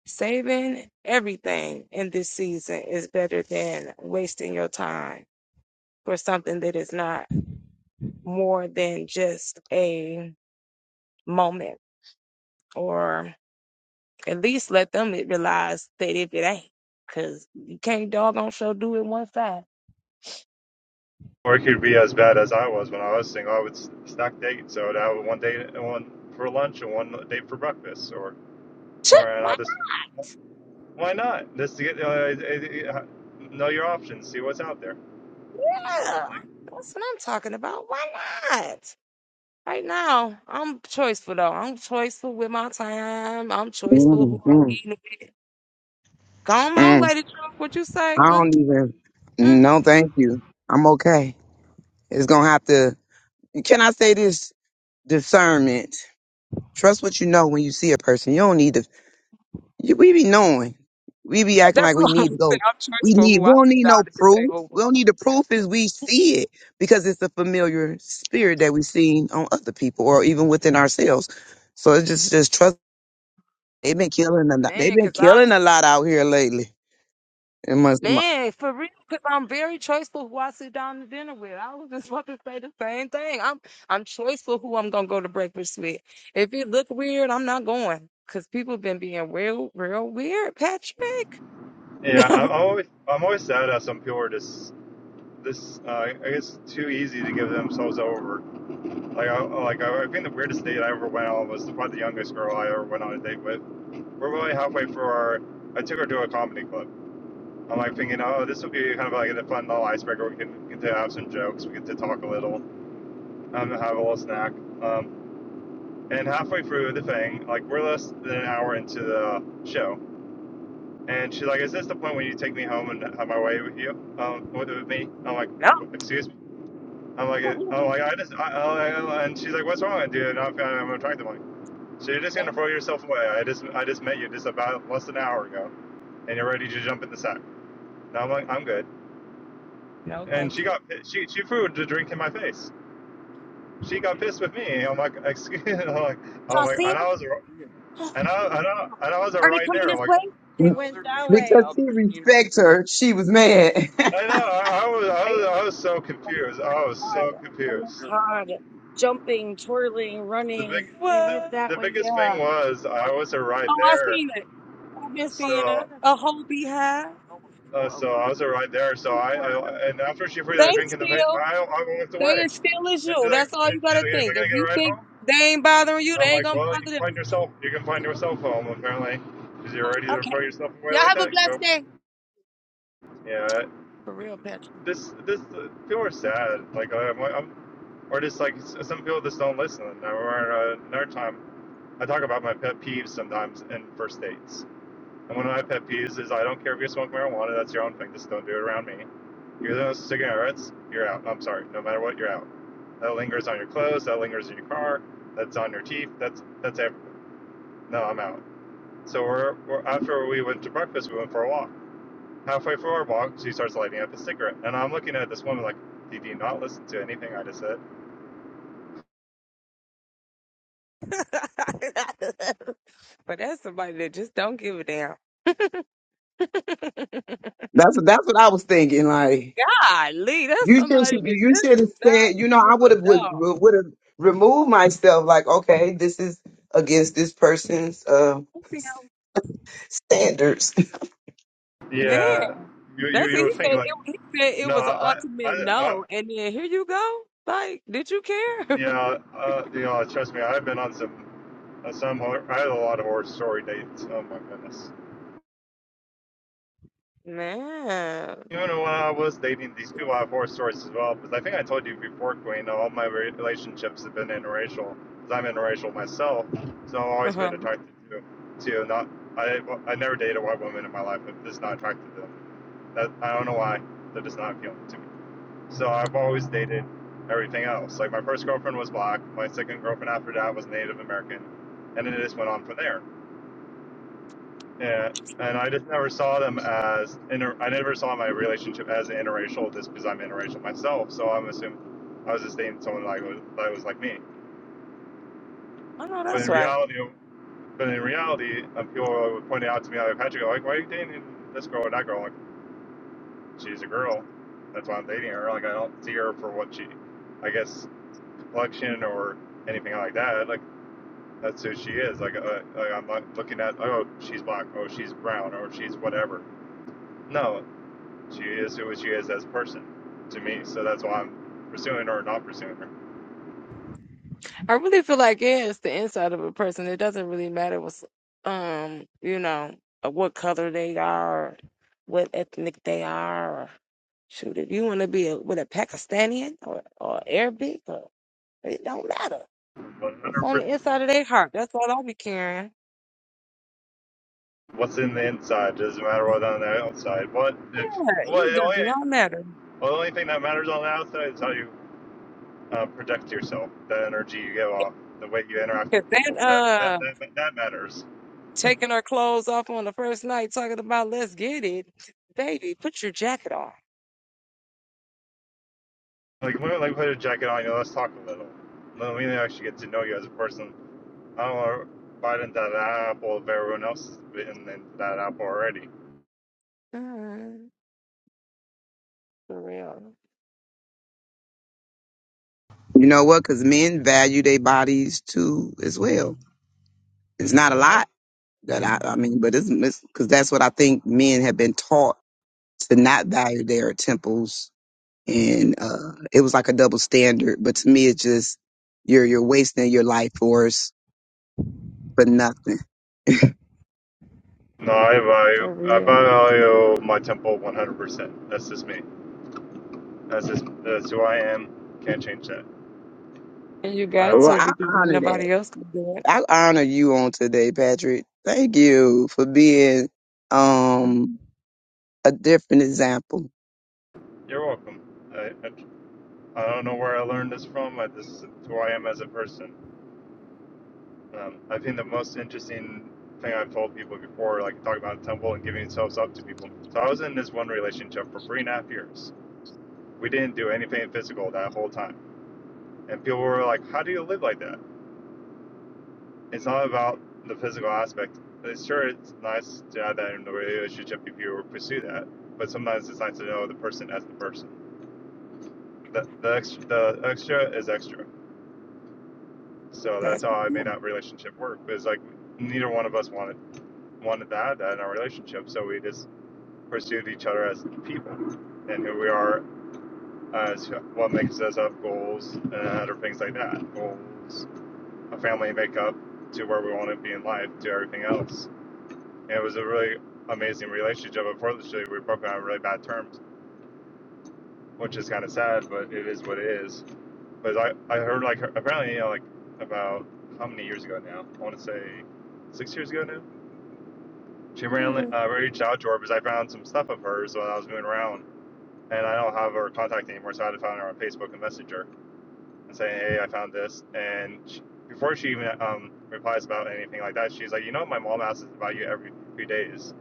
A: Saving everything in this season is better than wasting your time for something that is not more than just a moment, or at least let them realize that if it ain't, because you can't doggone show do it one side.
E: Or it could be as bad as I was when I was single. I would s- stack dates. So I would have one date, one for lunch, and one date for breakfast, or
A: Ch-
E: or and
A: Why
E: I'll just Why not? Just to get uh, uh, uh, know your options, see what's out there.
A: not?
E: Like,
A: That's what I'm talking about. Why not? Right now, I'm choiceful though. I'm choiceful with my time. I'm choiceful who
D: mm,
A: I'm
D: mm,
A: eating with. Come on,
D: mm.
A: Lady Trump, what you say?
D: I
A: Mm,
D: don't even.
A: mm,
D: No, thank you. I'm okay. It's gonna have to. Can I say this? Discernment. Trust what you know when you see a person. You don't need to You- We be knowing. We be acting
A: That's
D: like we
A: why I'm
D: need to
A: saying
D: go.
A: I'm
D: We
A: choice for
D: need.
A: who I
D: We don't
A: sit
D: need
A: down
D: no
A: at the
D: proof.
A: table
D: We don't
A: with.
D: need the proof is we see it because it's a familiar spirit that we've seen on other people or even within ourselves. So it's just just trust. They've been killing a lot. They've
A: Man,
D: been
A: because I'm,
D: killing a lot out here lately. It must
A: man, for real, because I'm very choice for who I sit down to dinner with. I was just about to say the same thing. I'm I'm choice for who I'm going to go to breakfast with. If it look weird, I'm not going because people been being real, real weird, Patrick.
E: yeah, I'm always I'm always sad how some people are just this. Uh, I guess it's too easy to give themselves over. Like I like I, I think the weirdest date I ever went on was probably the youngest girl I ever went on a date with. We're really halfway through our. I took her to a comedy club. I'm like thinking, oh, this will be kind of like a fun little icebreaker. We can get to have some jokes. We get to talk a little. Um, have a little snack. Um, and halfway through the thing, like we're less than an hour into the show, And she's like, "Is this the point when you take me home and have my way with you, um, with, with me?" I'm like, "Excuse me." I'm like, "Oh, like I just," I, I, and she's like, "What's wrong with you?" And I'm, I'm attracted. I'm like, so you're just gonna
A: no.
E: throw yourself away? I just, I just met you just about less than an hour ago, and you're ready to jump in the sack. And I'm like, "I'm good." And she got, she, she threw the drink in my face. She got pissed with me. I'm like, "Excuse," me." I'm like, "I'm like," and I was, and
A: You're
E: I, and I, and I was right there. I'm like,
D: because
A: about
D: she
A: to receive it,
D: respects
A: sir.
D: her. She was mad.
E: I know.
D: that's
E: I, I was, I was, I was so confused. I was so confused. the big the, the biggest thing was I was a ride
A: Oh, I
E: there,
A: seen it.
E: so uh, so I was a ride there. So I, I and after she threw
A: They
E: that drink in the face,
A: still,
E: I I walked
A: they
E: away.
A: as still as
E: And
A: you.
E: she's like,
A: That's all
E: and
A: you got
E: she's
A: to
E: like, "Am I
A: think. If
E: gonna get a
A: you
E: ride
A: think
E: home?"
A: they ain't bothering you,
E: I'm
A: they ain't
E: like,
A: going to
E: "Well, you can
A: bother
E: find
A: them.
E: yourself. You can find yourself home apparently, because you're ready to throw
A: Okay.
E: yourself away
A: Y'all
E: like
A: have a
E: that." Go,
A: blessed day.
E: yeah.
A: For real, Patrick.
E: This this people are sad. Like I'm, I'm or just like some people just don't listen. I remember uh, another time I talk about my pet peeves sometimes in first dates And one of my pet peeves is I don't care if you smoke marijuana, that's your own thing. Just don't do it around me. You're those cigarettes, you're out. I'm sorry. No matter what, you're out. That lingers on your clothes, that lingers in your car, that's on your teeth, that's that's everything. No, I'm out. So we're, we're after we went to breakfast, we went for a walk. Halfway through our walk, she starts lighting up a cigarette. And I'm looking at this woman like, Did you not listen to anything I just said?
A: but that's somebody that just don't give a damn.
D: what that's what I was thinking. Like.
A: Ah, Lee, that's
D: You just
A: somebody that
D: you
A: just
D: should have
A: do
D: said, you
A: not
D: know, I
A: give
D: would
A: a
D: have would
A: dog.
D: would have removed myself. Like, okay, this is against this person's uh, standards.
E: Yeah.
A: Man,
E: You you,
A: that's what
E: you would
A: He
E: think
A: said it,
E: like,
A: he said it
E: no,
A: was an
E: I
A: ultimate
E: I, I
A: no, and then here you go. Like, did you care?
E: you know, uh, you know, trust me, I've been on some Uh, some I had a lot of horror story dates. Oh my goodness.
A: Man,
E: You know, when I was dating, these people have horror stories as well. Because I think I told you before, Queen, all my relationships have been interracial. Because I'm interracial myself, so I've always been
A: uh-huh.
E: attracted to to not. I I never dated a white woman in my life. I'm just not attracted to them. That, I don't know why. They're just not appealing to me. So I've always dated everything else. Like my first girlfriend was black. My second girlfriend after that was Native American, and it just went on from there. Yeah, and I just never saw them as inter. I never saw my relationship as interracial just because I'm interracial myself. So I'm assuming I was just dating someone like that was like me.
A: I know
E: But
A: that's
E: in
A: right.
E: reality, but in reality, um, people were pointing out to me like Patrick, like, why are you dating this girl or that girl? I'm like, she's a girl. That's why I'm dating her. Like, I don't see her for what she, I guess, complexion or anything like that. Like, that's who she is. Like, uh, like I'm not looking at, oh, she's black, oh, she's brown, or she's whatever. No, She is who she is as a person to me. So that's why I'm pursuing her or not pursuing her.
A: I really feel like yeah, it's the inside of a person. It doesn't really matter what's um, you know, uh, what color they are, or what ethnic they are. Or, shoot, if you want to be a, with a Pakistani or, or Arabic, or, it don't matter. What's on
E: 100%.
A: the inside of their heart? That's all I'll be caring.
E: What's in the inside doesn't matter what's on the outside. What if,
A: Yeah,
E: what,
A: it
E: the
A: does
E: only,
A: not matter.
E: well, the only thing that matters on the outside is how you uh, protect yourself, the energy you give off, the way you interact
A: Cause
E: with people.
A: that
E: That, that,
A: uh,
E: that, that matters.
A: taking our clothes off on the first night, talking about let's get it, baby, put your jacket on.
E: Like, when I like put a jacket on you, let's talk a little. Let me actually get to know you as a person. I don't want to bite into that apple if everyone else has bitten into that apple already.
A: Mm, for real,
D: You know what? Because men value their bodies too as well. It's not a lot that I, I mean, but it's because that's what I think men have been taught to not value their temples, and uh, it was like a double standard. But to me, it's just you're you're wasting your life force for nothing.
E: No, I value
A: for
E: I
A: real.
E: value my tempo one hundred percent. That's just me. That's just that's who I am. Can't change that.
A: And You
E: Um,
A: got
D: Well,
E: I
A: to
D: I
A: because ain't
D: honor that.
A: nobody else can do it.
D: I honor you on today, Patrick. Thank you for being um a different example.
E: you're welcome. I, I I don't know where I learned this from. I, this is who I am as a person. Um, I think the most interesting thing I've told people before, like talking about tempo and giving yourselves up to people. So I was in this one relationship for three and a half years. We didn't do anything physical that whole time, and people were like, "How do you live like that?" it's not about the physical aspect. It's sure it's nice to have that in the relationship if you pursue that, but sometimes it's nice to know the person as the person. The the extra, the extra is extra. So that's
A: That's-
E: how I made that relationship work. It's like neither one of us wanted wanted that in our relationship, so we just pursued each other as people and who we are as what makes us up goals and other things like that. Goals, a family makeup to where we want to be in life, to everything else it was a really amazing relationship. Unfortunately, we broke on really bad terms, which is kind of sad, but it is what it is. But I, I heard like apparently, you know, like about how many years ago now? I want to say six years ago now. She randomly uh, reached out to her because I found some stuff of hers while I was moving around, and I don't have her contact anymore, so I had to find her on Facebook and Messenger and say, hey, I found this. And she, before she even um, replies about anything like that, she's like, you know, my mom asks about you every few days.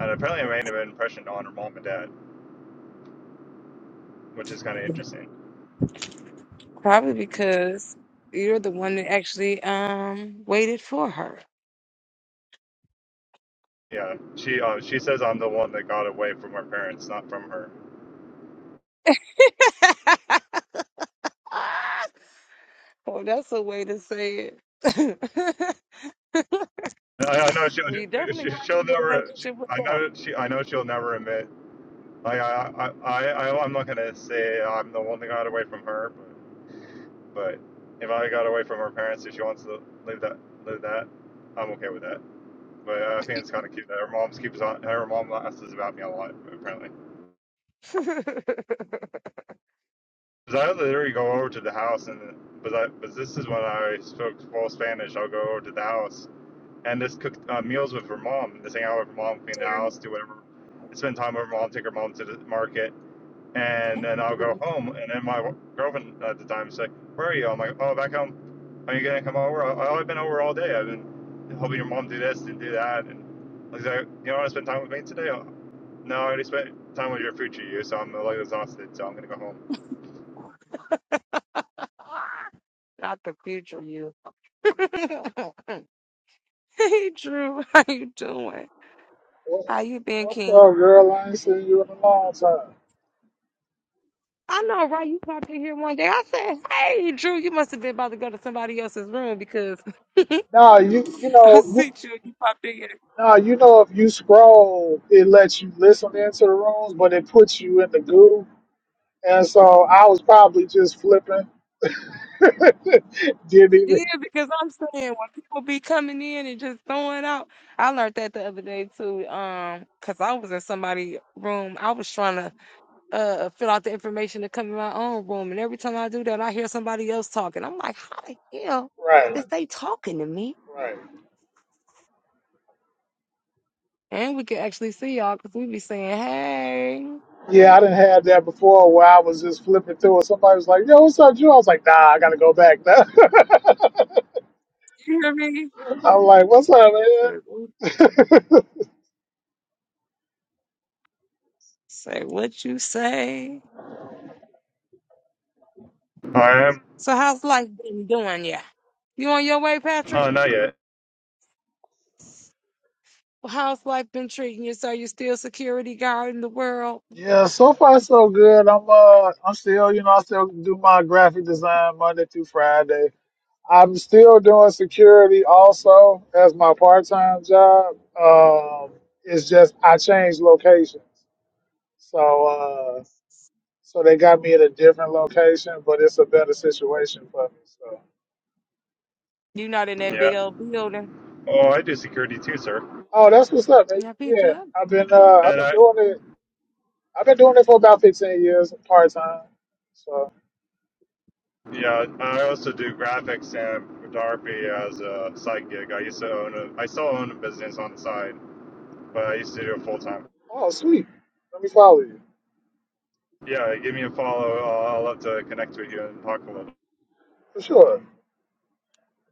E: And apparently, I made an impression on her mom and dad which is kind of interesting.
A: Probably because you're the one that actually um waited for her.
E: Yeah, she uh, she says I'm the one that got away from her parents, not from her.
A: well, that's a way to say it.
E: And I, I know she'll
A: we definitely
E: she-
A: weren't
E: she'll
A: in the
E: never. She,
A: relationship with
E: I know she I know she'll never admit. Like I I I I- am not gonna say I'm the one that got away from her, but but if I got away from her parents, if she wants to live that live that, I'm okay with that. But I think it's kind of cute that her mom keeps on her mom asks about me a lot apparently.
A: them.
E: Because I literally go over to the house and. But, I, but this is when I spoke full Spanish. I'll go over to the house and just cook uh, meals with her mom. Just hang out with her mom, clean the house, do whatever, spend time with her mom, take her mom to the market, and then I'll go home. And then my girlfriend at the time would say, "Where are you?" I'm like, "Oh, back home. Are you gonna come over?" Oh, I've been over all day. I've been helping your mom do this and do that. And I was like, "You don't want to spend time with me today?" "Oh, No, I already spent time with your future you, so I'm like exhausted. So I'm gonna go home.
A: Not the future you. hey Drew, how you doing?
F: What's
A: How you been,
F: what's
A: King?
F: up, girl? I ain't seen you in a long time.
A: I know, right? You popped in here one day. I said, "Hey, Drew, you must have been about to go to somebody else's room because I
F: Nah, you you know, you,
A: see you. You popped in here."
F: nah, you know, if you scroll, it lets you listen into the rooms, but it puts you in the goo. And so I was probably just flipping. Didn't
A: Yeah,
F: even
A: because I'm saying when people be coming in and just throwing out, I learned that the other day too. Um, cause I was in somebody's room, I was trying to uh fill out the information to come in my own room, and every time I do that, I hear somebody else talking. I'm like, how the hell
F: right,
A: is they talking to me?
F: right.
A: And we can actually see y'all because we be saying, "Hey,
F: Yeah, I didn't have that before where I was just flipping through and somebody was like, Yo, what's up, Drew? I was like, nah, I gotta go back now.
A: you hear me?"
F: I'm like, What's up, man?
A: Say what you say.
E: I am.
A: So how's life been doing ya? You on your way,
E: Oh,
A: Patrick?
E: not yet.
A: Well, How's life been treating you? So you still security guard in the world?
F: Yeah, so far so good. I'm uh I'm still, you know, I still do my graphic design Monday through Friday. I'm still doing security also as my part time job. Um it's just I changed locations. So uh so they got me at a different location, but it's a better situation for me. So
A: You not in that
E: Yeah.
A: big old building.
E: Oh, I do security too, sir.
F: Oh, that's what's up. man.
A: Yeah, beat you
F: Yeah.
A: up.
F: I've been uh I've
E: And
F: been
E: I,
F: doing it I've been doing it for about fifteen years part time. So
E: Yeah, I also do graphics and photography as a side gig. I used to own a, I still own a business on the side, but I used to do it full time.
F: oh sweet. Let me follow you.
E: Yeah, give me a follow. I'll, I'll love to connect with you and talk a little.
F: For sure.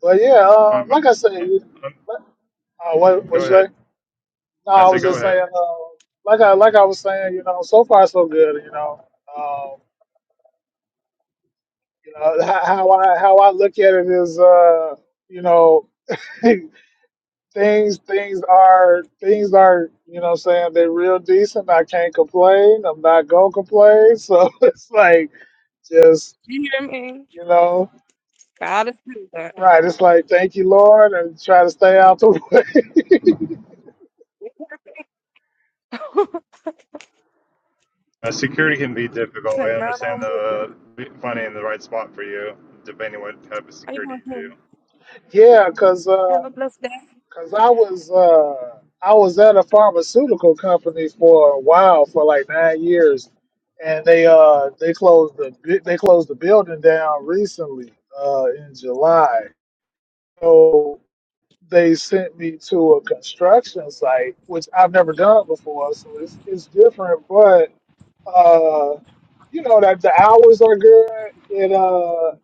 F: But yeah, uh,
E: Um,
F: like I said,
E: um,
F: uh, what what
E: go
F: you say?
E: ahead.
F: No,
E: I
F: I
E: say
F: was
E: go
F: just
E: ahead.
F: saying, uh, like I like I was saying, you know, so far so good, you know. Um, you know how I how I look at it is, uh, you know, things things are things are you know what I'm saying they're real decent. I can't complain. I'm not gonna complain. So it's like just
A: You hear me?
F: you know,
A: God is good.
F: right? It's like thank you, Lord, and try to stay out the way.
E: Uh, security can be
A: It's
E: difficult. I
A: like my
E: understand
A: own business.
E: the finding the right spot for you, depending on what type of
A: How you
E: security
A: going
E: you do.
A: to
F: cause. uh,
A: have a blessed day?
F: Cause I was uh I was at a pharmaceutical company for a while, for like nine years, and they uh they closed the bu- they closed the building down recently uh in July. So they sent me to a construction site, which I've never done before, so it's it's different, but uh, you know that the hours are good. It uh,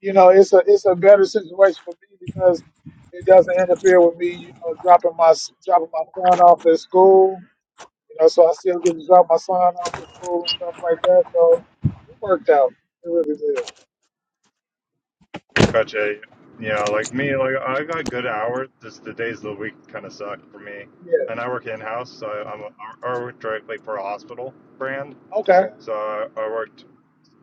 F: you know, it's a it's a better situation for me because it doesn't interfere with me. You know, dropping my s- dropping my son off at school. You know, so I still get to drop my son off at school and stuff like that. So it worked out. It really did.
E: Gotcha. Yeah, like me, like I got good hours. Just the days of the week kind of suck for me.
F: Yeah.
E: And I work in house, so I'm I work directly for a hospital brand.
F: Okay.
E: So I, I worked,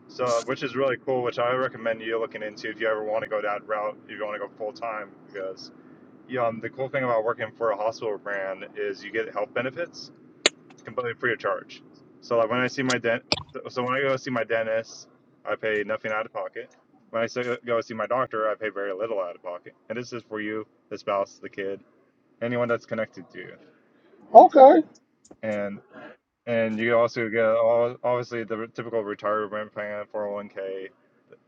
E: so which is really cool. Which I recommend you looking into if you ever want to go that route. If you want to go full time, because you know, the cool thing about working for a hospital brand is you get health benefits. It's completely free of charge. So like when I see my dent, so when I go see my dentist, I pay nothing out of pocket. When I so- go see my doctor, I pay very little out of pocket. And this is for you, the spouse, the kid, anyone that's connected to you.
F: Okay.
E: And and you also get all, obviously the typical retirement plan, 401k,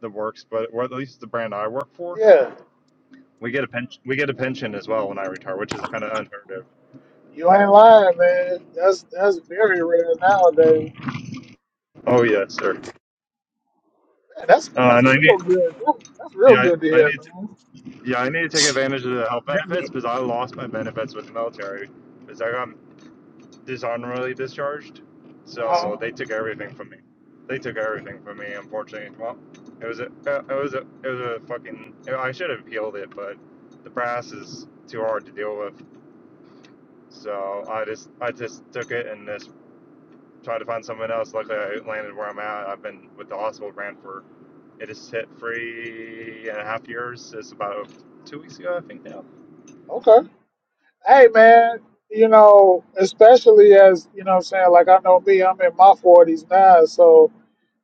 E: the works, but or at least the brand I work for,
F: Yeah.
E: we get a pension. We get a pension as well when I retire, which is kind of unheard of.
F: You ain't lying, man. That's that's very rare nowadays.
E: Oh yes, sir.
F: Man, that's
E: Uh,
F: that's
E: and I
F: real
E: need,
F: good. That's real
E: yeah,
F: good to
E: I, I
F: hear,
E: need
F: man.
E: Yeah, I need to take advantage of the health benefits because I lost my benefits with the military because I got dishonorably discharged.
F: Uh-huh.
E: So they took everything from me. They took everything from me. Unfortunately, well, it was a uh, it was a it was a fucking. I should have appealed it, but the brass is too hard to deal with. So I just I just took it and just tried to find someone else. Luckily, I landed where I'm at. I've been with the hospital brand for it has hit three and a half years. It's about two weeks ago, I think now
F: Okay. hey man, you know, especially as you know what I'm saying, like I know me, I'm in my forties now, so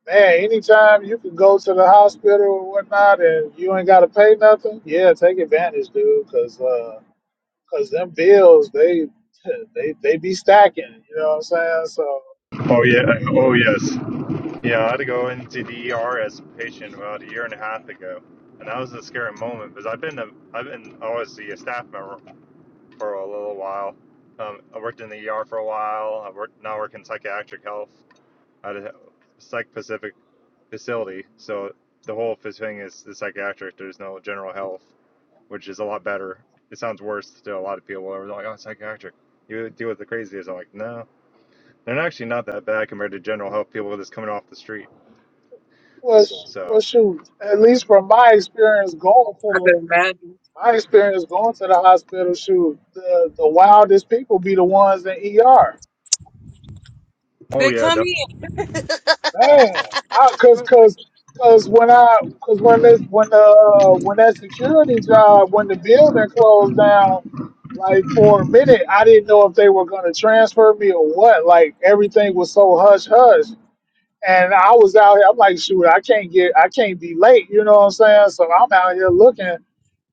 F: man, anytime you can go to the hospital or whatnot and you ain't gotta pay nothing, yeah, take advantage, dude, cause uh, cause them bills they they they be stacking, you know what I'm saying? So
E: Oh yeah. Oh yes. Yeah, I had to go into the ER as a patient about a year and a half ago, and that was a scary moment because I've been a, I've been obviously a staff member for a little while. Um, I worked in the ER for a while. I worked now I work in psychiatric health at a psych Pacific facility. So the whole f- thing is the psychiatric. There's no general health, which is a lot better. It sounds worse to a lot of people. They're like, "Oh, psychiatric, you deal with the craziest." I'm like, "No, they're actually not that bad compared to general health people that's coming off the street.
F: well, sh- well
E: So,
F: shoot, at least from my experience going to
A: I
F: the
A: can imagine.
F: my experience going to the hospital, shoot, the, the wildest people be the ones in ER
E: oh yeah,
A: Because
E: definitely.
F: Man, I, cause, cause, cause when I, cause when this, when the, uh, when that security job, when the building closed down, like for a minute, I didn't know if they were gonna transfer me or what. Like everything was so hush hush, and I was out here. I'm like, shoot, I can't get, I can't be late. You know what I'm saying? So I'm out here looking,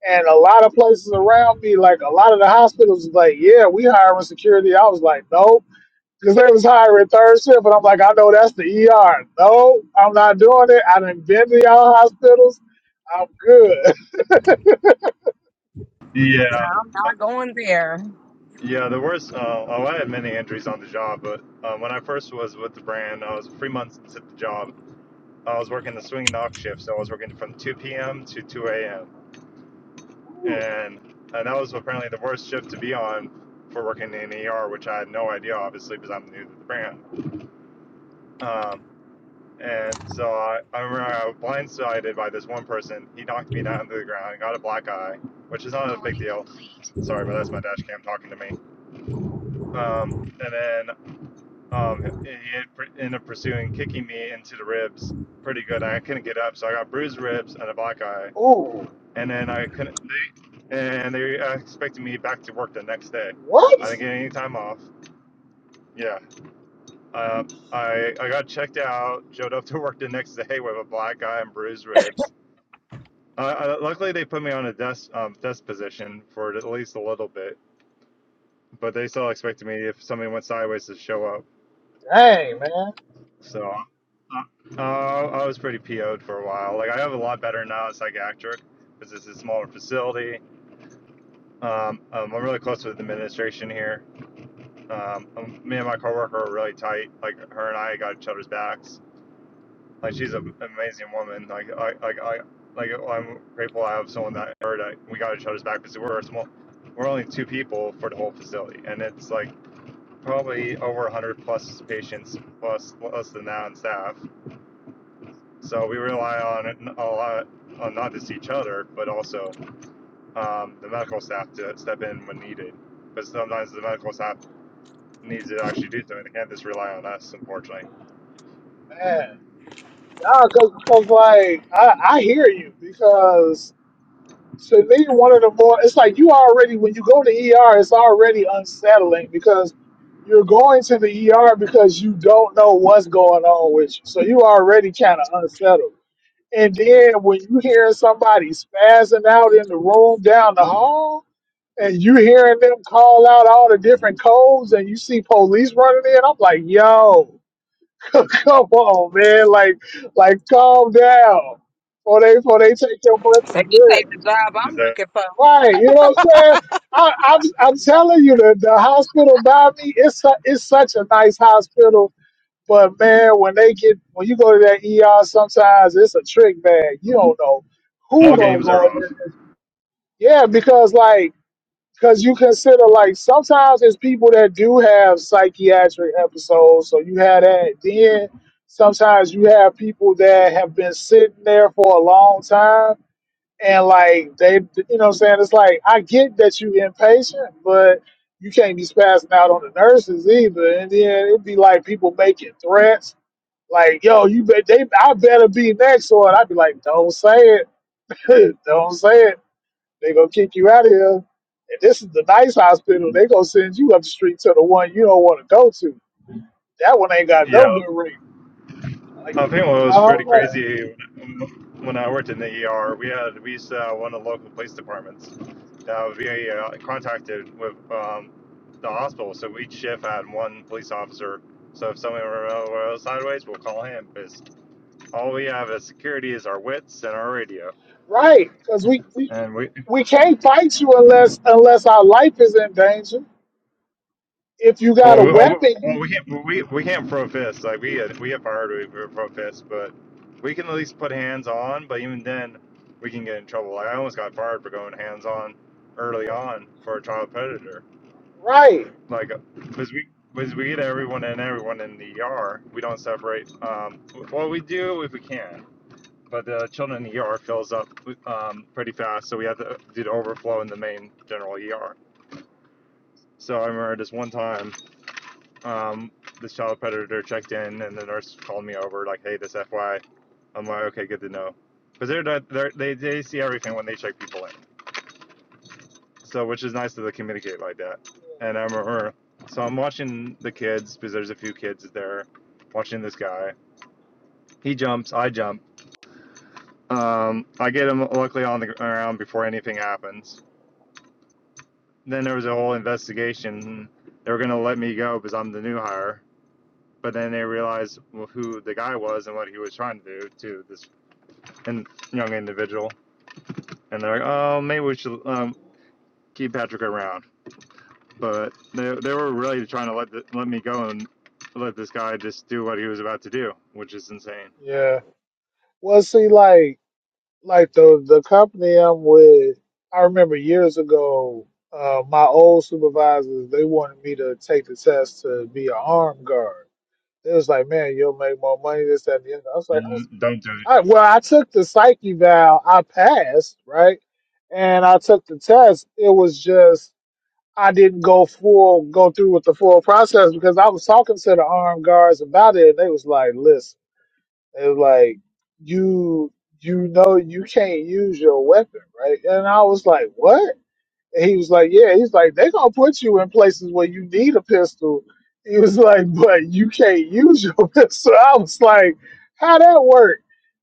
F: and a lot of places around me, like a lot of the hospitals, was like, yeah, we hiring security. I was like, nope because they was hiring third shift, and I'm like, I know that's the ER. No, I'm not doing it. I done been to y'all hospitals. I'm good.
E: Yeah,
A: I'm
E: Uh,
A: not going there.
E: yeah. The worst. Uh, oh, I had many injuries on the job, but uh, when I first was with the brand, I was three months into the job. I was working the swing knock shift, so I was working from 2 p.m. to 2 a.m.
F: Ooh,
E: and and uh, that was apparently the worst shift to be on for working in ER, which I had no idea, obviously, because I'm new to the brand. Um, And so I, I remember I was blindsided by this one person. He knocked me down to the ground, and got a black eye, which is not a big deal. Sorry, but that's my dash cam talking to me. Um, and then um, he ended up pursuing, kicking me into the ribs pretty good. I couldn't get up, so I got bruised ribs and a black eye.
F: ooh,
E: And then I couldn't. They, and they uh, expected me back to work the next day.
F: what?
E: I didn't get any time off. Yeah, uh, I I got checked out, showed up to work the next day with a black eye and bruised ribs, Uh, uh, luckily, they put me on a desk um, desk position for at least a little bit, but they still expected me if something went sideways to show up.
F: Dang, man,
E: So uh, uh, I was pretty PO'd for a while. Like I have a lot better now at psychiatric because it's a smaller facility. Um, um, I'm really close with the administration here. Um, um, me and my coworker are really tight. Like her and I got each other's backs. Like she's an amazing woman. Like I, like I, like I'm grateful I have someone that heard that we got each other's back because we're a small, we're only two people for the whole facility, and it's like probably over 100 plus patients plus less than that on staff. So we rely on a lot on not just each other, but also um, the medical staff to step in when needed. But sometimes the medical staff needs to actually do something. They can't just rely on us, unfortunately.
F: man. Nah, cause, cause like I, I hear you because to me one of the more it's like you already when you go to ER it's already unsettling because you're going to the ER because you don't know what's going on with you so you already kind of unsettled And then when you hear somebody spazzing out in the room down the hall, and you hearing them call out all the different codes, and you see police running in, I'm like, yo, come on, man, like, like calm down, or they, or they take your breath
A: They
F: and
A: can
F: good.
A: take the job
E: Is
A: I'm
E: that
A: looking for.
F: Right, you know what I'm saying? I, I'm, I'm telling you, the, the hospital by me, it's, su- it's such a nice hospital but man, when they get when you go to that ER, sometimes it's a trick bag. You don't know who
E: all
F: gonna
E: games
F: go
E: are
F: in
E: off?
F: there. Yeah, because like because you consider like sometimes it's people that do have psychiatric episodes, so you have that. Then sometimes you have people that have been sitting there for a long time and like they you know what I'm saying it's like I get that you impatient, but you can't be spazzing out on the nurses either. And then it'd be like people making threats like, yo, you bet they I better be next one. I'd be like, don't say it. don't say it. They gonna kick you out of here. And this is the nice hospital. They gonna send you up the street to the one you don't want to go to. That one ain't got no
E: Yeah,
F: good rate. Like,
E: I
F: you need
E: think what
F: to
E: was pretty
F: calm down.
E: crazy when I worked in the ER, we had we used to have one of the local police departments. that we uh, contracted with um, the hospital, so each shift had one police officer. So if someone were sideways, we'll call him. Because all we have as security is our wits and our radio,
F: right? Because we, we
E: and we
F: we can't fight you unless unless our life is in danger. If you
E: Well,
F: got a
E: we- oh, well,
F: weapon,
E: we can't we, we can't protest like we had, we have priority for protest, but we can at least put hands on. But even then, we can get in trouble. Like I almost got fired for going hands on early on for a child predator.
F: right?
E: Like because we because we get everyone and everyone in the ER, we don't separate. Um, well, we do if we can, but the children in the ER fills up um, pretty fast, so we have to uh, do the overflow in the main general ER. So I remember this one time um, this child predator checked in, and the nurse called me over, like, "Hey, this FY." I'm like, "Okay, good to know," because they're, they're they they see everything when they check people in, so which is nice that they communicate like that. And I remember, so I'm watching the kids because there's a few kids there, watching this guy. He jumps, I jump. Um, I get him luckily on the ground before anything happens. Then there was a whole investigation. They were gonna let me go because I'm the new hire but then they realized well, who the guy was and what he was trying to do to this young individual, and they're like, oh, maybe we should um, keep Patrick around. But they, they were really trying to let the, let me go and let this guy just do what he was about to do, which is insane.
F: Yeah. Well, see, like like the the company I'm with, I remember years ago, uh, my old supervisors they wanted me to take the test to be an armed guard. It was like, man, you'll make more money this that, and the other. I was like, I was,
E: Don't do it.
F: I, well, I took the psyche valve, I passed, right, and I took the test. It was just I didn't go full go through with the full process because I was talking to the armed guards about it, and they was like, listen. It was like you you know you can't use your weapon, right? And I was like, what? And he was like, Yeah, he's like, they're gonna put you in places where you need a pistol. He was like, But you can't use your pistol. I was like, How that work?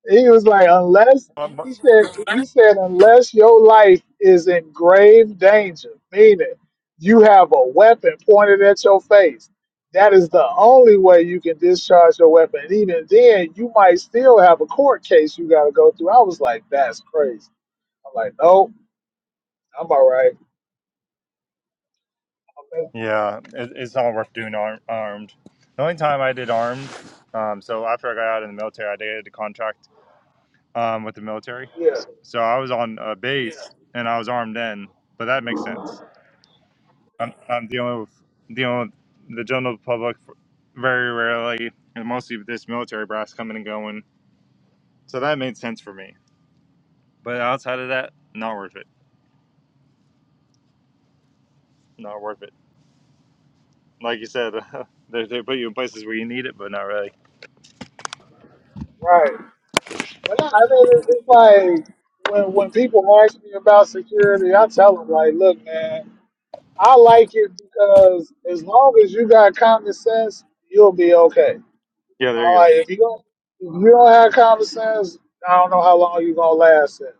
F: He was like, Unless
E: Um,
F: he said he said, unless your life is in grave danger, meaning you have a weapon pointed at your face. That is the only way you can discharge your weapon. And even then, you might still have a court case you got to go through. I was like, that's crazy. I'm like, nope, I'm all right.
E: Yeah, it, it's not worth doing arm, armed. The only time I did armed, um, so after I got out of the military, I did a contract um, with the military.
F: Yeah.
E: So I was on a base yeah. and I was armed then, but that makes sense I'm, I'm dealing with dealing with the general public f- very rarely, and mostly with this military brass coming and going. So that made sense for me. But outside of that, not worth it. Not worth it. Like you said, they they put you in places where you need it, but not really.
F: Right. But no, I mean, it's just like when when people ask me about security, I tell them like, look, man, I like it because as long as you got common sense, you'll be okay.
E: Yeah, there
F: I
E: you go.
F: like if you don't if you don't have common sense, I don't know how long you gonna last it.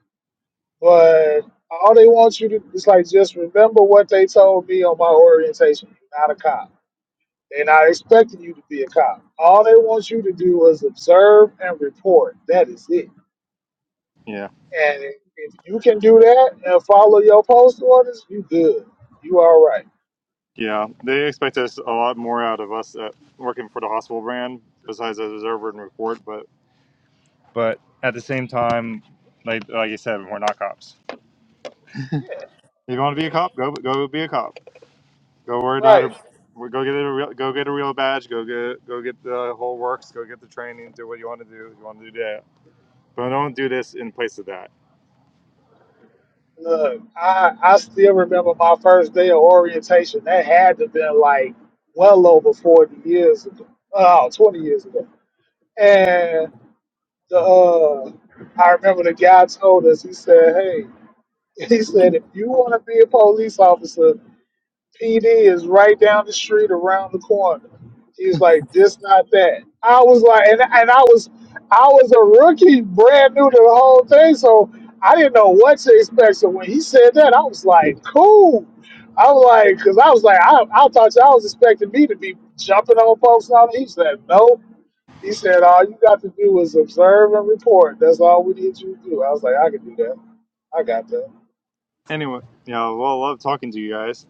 F: But all they want you to is like just remember what they told me on my orientation. You're not a cop. They're not expecting you to be a cop. All they want you to do is observe and report. That is it
E: Yeah,
F: And if if you can do that and follow your post orders, you good. You all right.
E: yeah. They expect us a lot more out of us at working for the hospital brand besides as observer and report. But but at the same time, like like you said, we're not cops.
F: Yeah,
E: If you want to be a cop, go go be a cop Go worry about
F: right.
E: it. we- Go get a real, go get a real badge. Go get go get the whole works. Go get the training. Do what you want to do. If you want to do that, but don't do this in place of that.
F: Look, I I still remember my first day of orientation. That had to have been like well over 40 years ago. Oh, 20 years ago. And the uh, I remember the guy told us, he said, hey, he said, if you want to be a police officer, PD is right down the street, around the corner. He was like, this, not that. I was like, and, and I was, I was a rookie, brand new to the whole thing, so I didn't know what to expect. So when he said that, I was like, cool. I was like, because I was like, I, I thought y'all was expecting me to be jumping on folks and all that. He said, no. He said, all you got to do is observe and report. That's all we need you to do. I was like, I can do that. I got that.
E: Anyway, yeah, well, I love talking to you guys.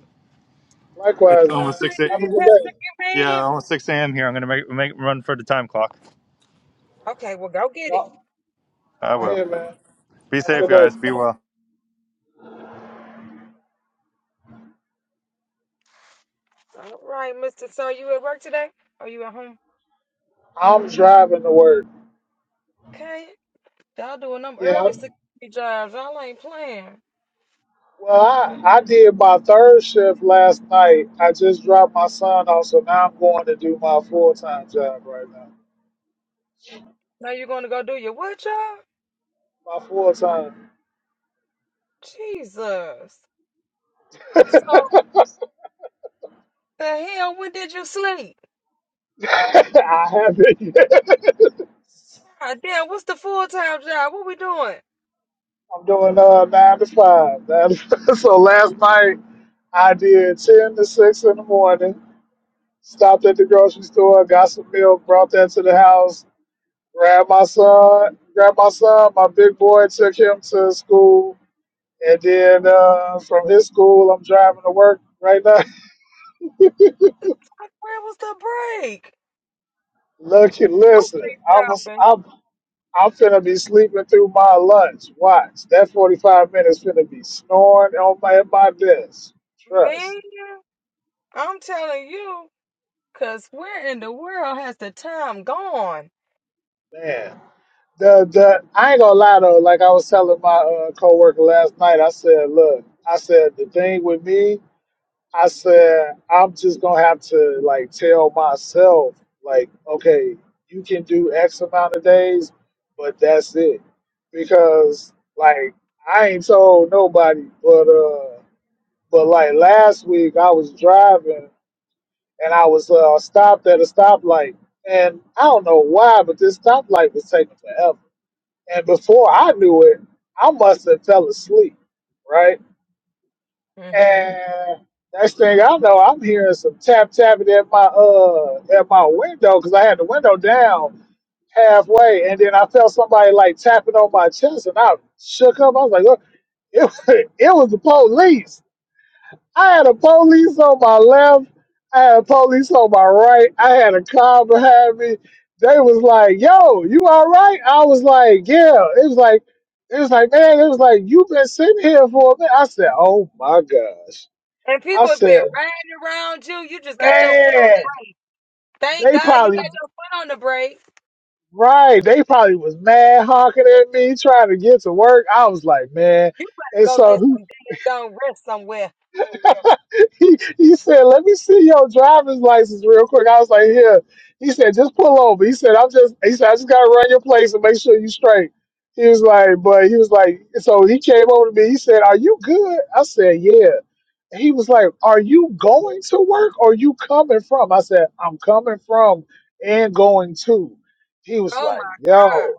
E: It's
F: Likewise, man.
E: almost six.
A: Great
E: A,
F: Have a
A: day,
F: good day.
A: Patrick. You made
E: yeah,
A: it.
E: almost six a.m. here. I'm gonna make make run for the time clock.
F: Go
E: I
F: go
E: will.
F: ahead, man.
E: Be
F: Have a
E: safe,
F: good day.
E: guys. Be well.
F: I'm driving to work. Yeah. Well, I, I did my third shift last night. I just dropped my son off, so now I'm going to do my full time job right now. My full time. I haven't yet. I'm doing uh, nine to five. Nine to five. So last night I did ten to six in the morning. Stopped at the grocery store, got some milk, brought that to the house. Grabbed my son. Grabbed my son. My big boy took him to school And then uh, from his school, I'm driving to work right now.
A: Where was the break?
F: Look, and
A: I'm
F: listen, I was,
A: sleep
F: I'm, I'm finna be sleeping through my lunch. Watch, that 45 minutes finna be snoring on my, at my desk.
A: Man,
F: Trust,
A: I'm telling you, 'cause where in the world has the time gone?
F: man. The, the, I ain't gonna lie though. Like I was telling my uh, coworker last night, I said, look, I said the thing with me I said, I'm just gonna have to like tell myself, like, okay, you can do X amount of days, but that's it. Because like I ain't told nobody, but uh but like last week I was driving and I was uh stopped at a stoplight and I don't know why, but this stoplight was taking forever. And before I knew it, I must have fell asleep, right? And next thing I know, I'm hearing some tap tapping at my uh at my window because I had the window down halfway, and then I felt somebody like tapping on my chest, and I shook up. I was like, "Look, it, it was the police." I had a police on my left. I had a police on my right. I had a car behind me. They was like, "Yo, you all right?" I was like, "Yeah." It was like, it was like, man, it was like you've been sitting here for a minute. I said, "Oh my gosh."
A: And
F: I
A: people have been
F: said,
A: riding around you. You just got your foot.
F: man,
A: Thank
F: they
A: God you
F: probably
A: had your foot on the brake.
F: right. They probably was mad honking at me trying to get to work. I was like, man. And
A: Go
F: so
A: get some, go rest somewhere.
F: he, he, he said, let me see your driver's license real quick. I was like, here. He said, just pull over. He said, I'm just he said, I just gotta run your place and make sure you straight. He was like, but he was like, so he came over to me. He said, Are you good? I said, Yeah. he was like, Are you going to work or you coming from? I said, I'm coming from and going to. He was
A: Oh
F: like,
A: my God.
F: Yo,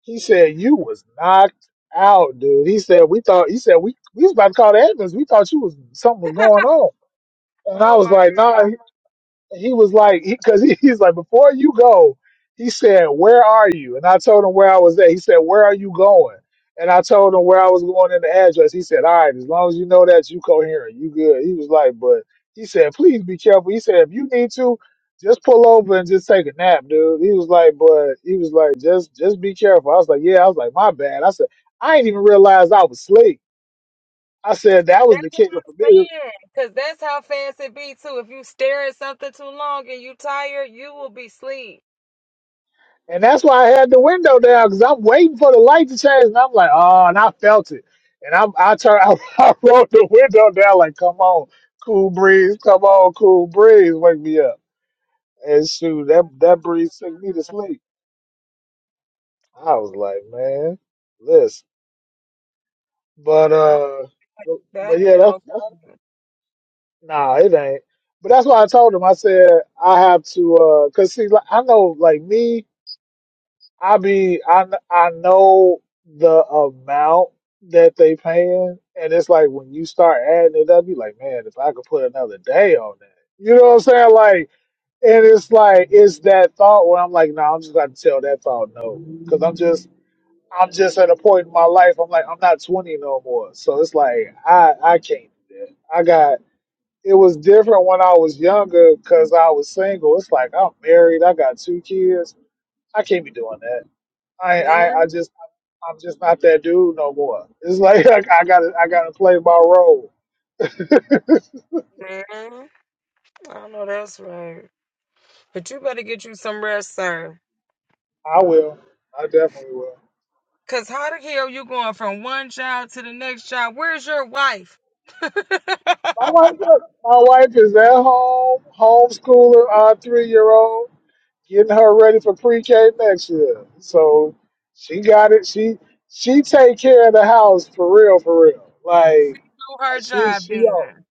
F: he said, You was knocked out, dude. He said, We thought, he said, We, we was about to call the ambulance. We thought you was something was going on. And I
A: Oh
F: was
A: my
F: like, "Nah." he was like, because he, 'cause he's like, before you go, he said, where are you? And I told him where I was at. He said, where are you going? And I told him where I was going in the address. He said, all right, as long as you know that, you coherent, you good. He was like, but he said, please be careful. He said, if you need to, just pull over and just take a nap, dude. He was like, but he was like, just just be careful. I was like, yeah. I was like, my bad. I said, I didn't even realize I was asleep. I said that was the kicker for me. And that's why I had the window down because I'm waiting for the light to change. And I'm like, oh, and I felt it. And I'm, I turned, I, I rolled the window down, like, come on, cool breeze, come on, cool breeze, wake me up. And shoot, that, that breeze took me to sleep. I was like, man, listen. But, uh, but,
A: God.
F: but yeah, that's,
A: No,
F: that's, nah, it ain't. But that's why I told him, I said, I have to, uh, cause see, like, I know, like me, I mean, I kn- I know the amount that they paying, and it's like when you start adding it up, you like, man, if I could put another day on that, you know what I'm saying? Like, and it's like it's that thought where I'm like, no, I'm just about to tell that thought no, because I'm just I'm just at a point in my life. I'm like, I'm not 20 no more, so it's like I I can't do that. I got it was different when I was younger because I was single. It's like I'm married, I got two kids, I can't be doing that. I,
A: Man,
F: I, I just, I'm just not that dude no more. It's like I, I gotta, I gotta play my role.
A: man. I know that's right. But you better get you some rest, sir.
F: I will. I definitely will.
A: 'Cause how the hell you going from one job to the next job? Where's your wife? she do
F: My wife, look, my wife is at home, homeschooling our three-year-old, getting her ready for pre-K next year. So she got it. She, she take care of the house for real, for real. Like I-
A: her
F: she,
A: job
F: she on.
A: then.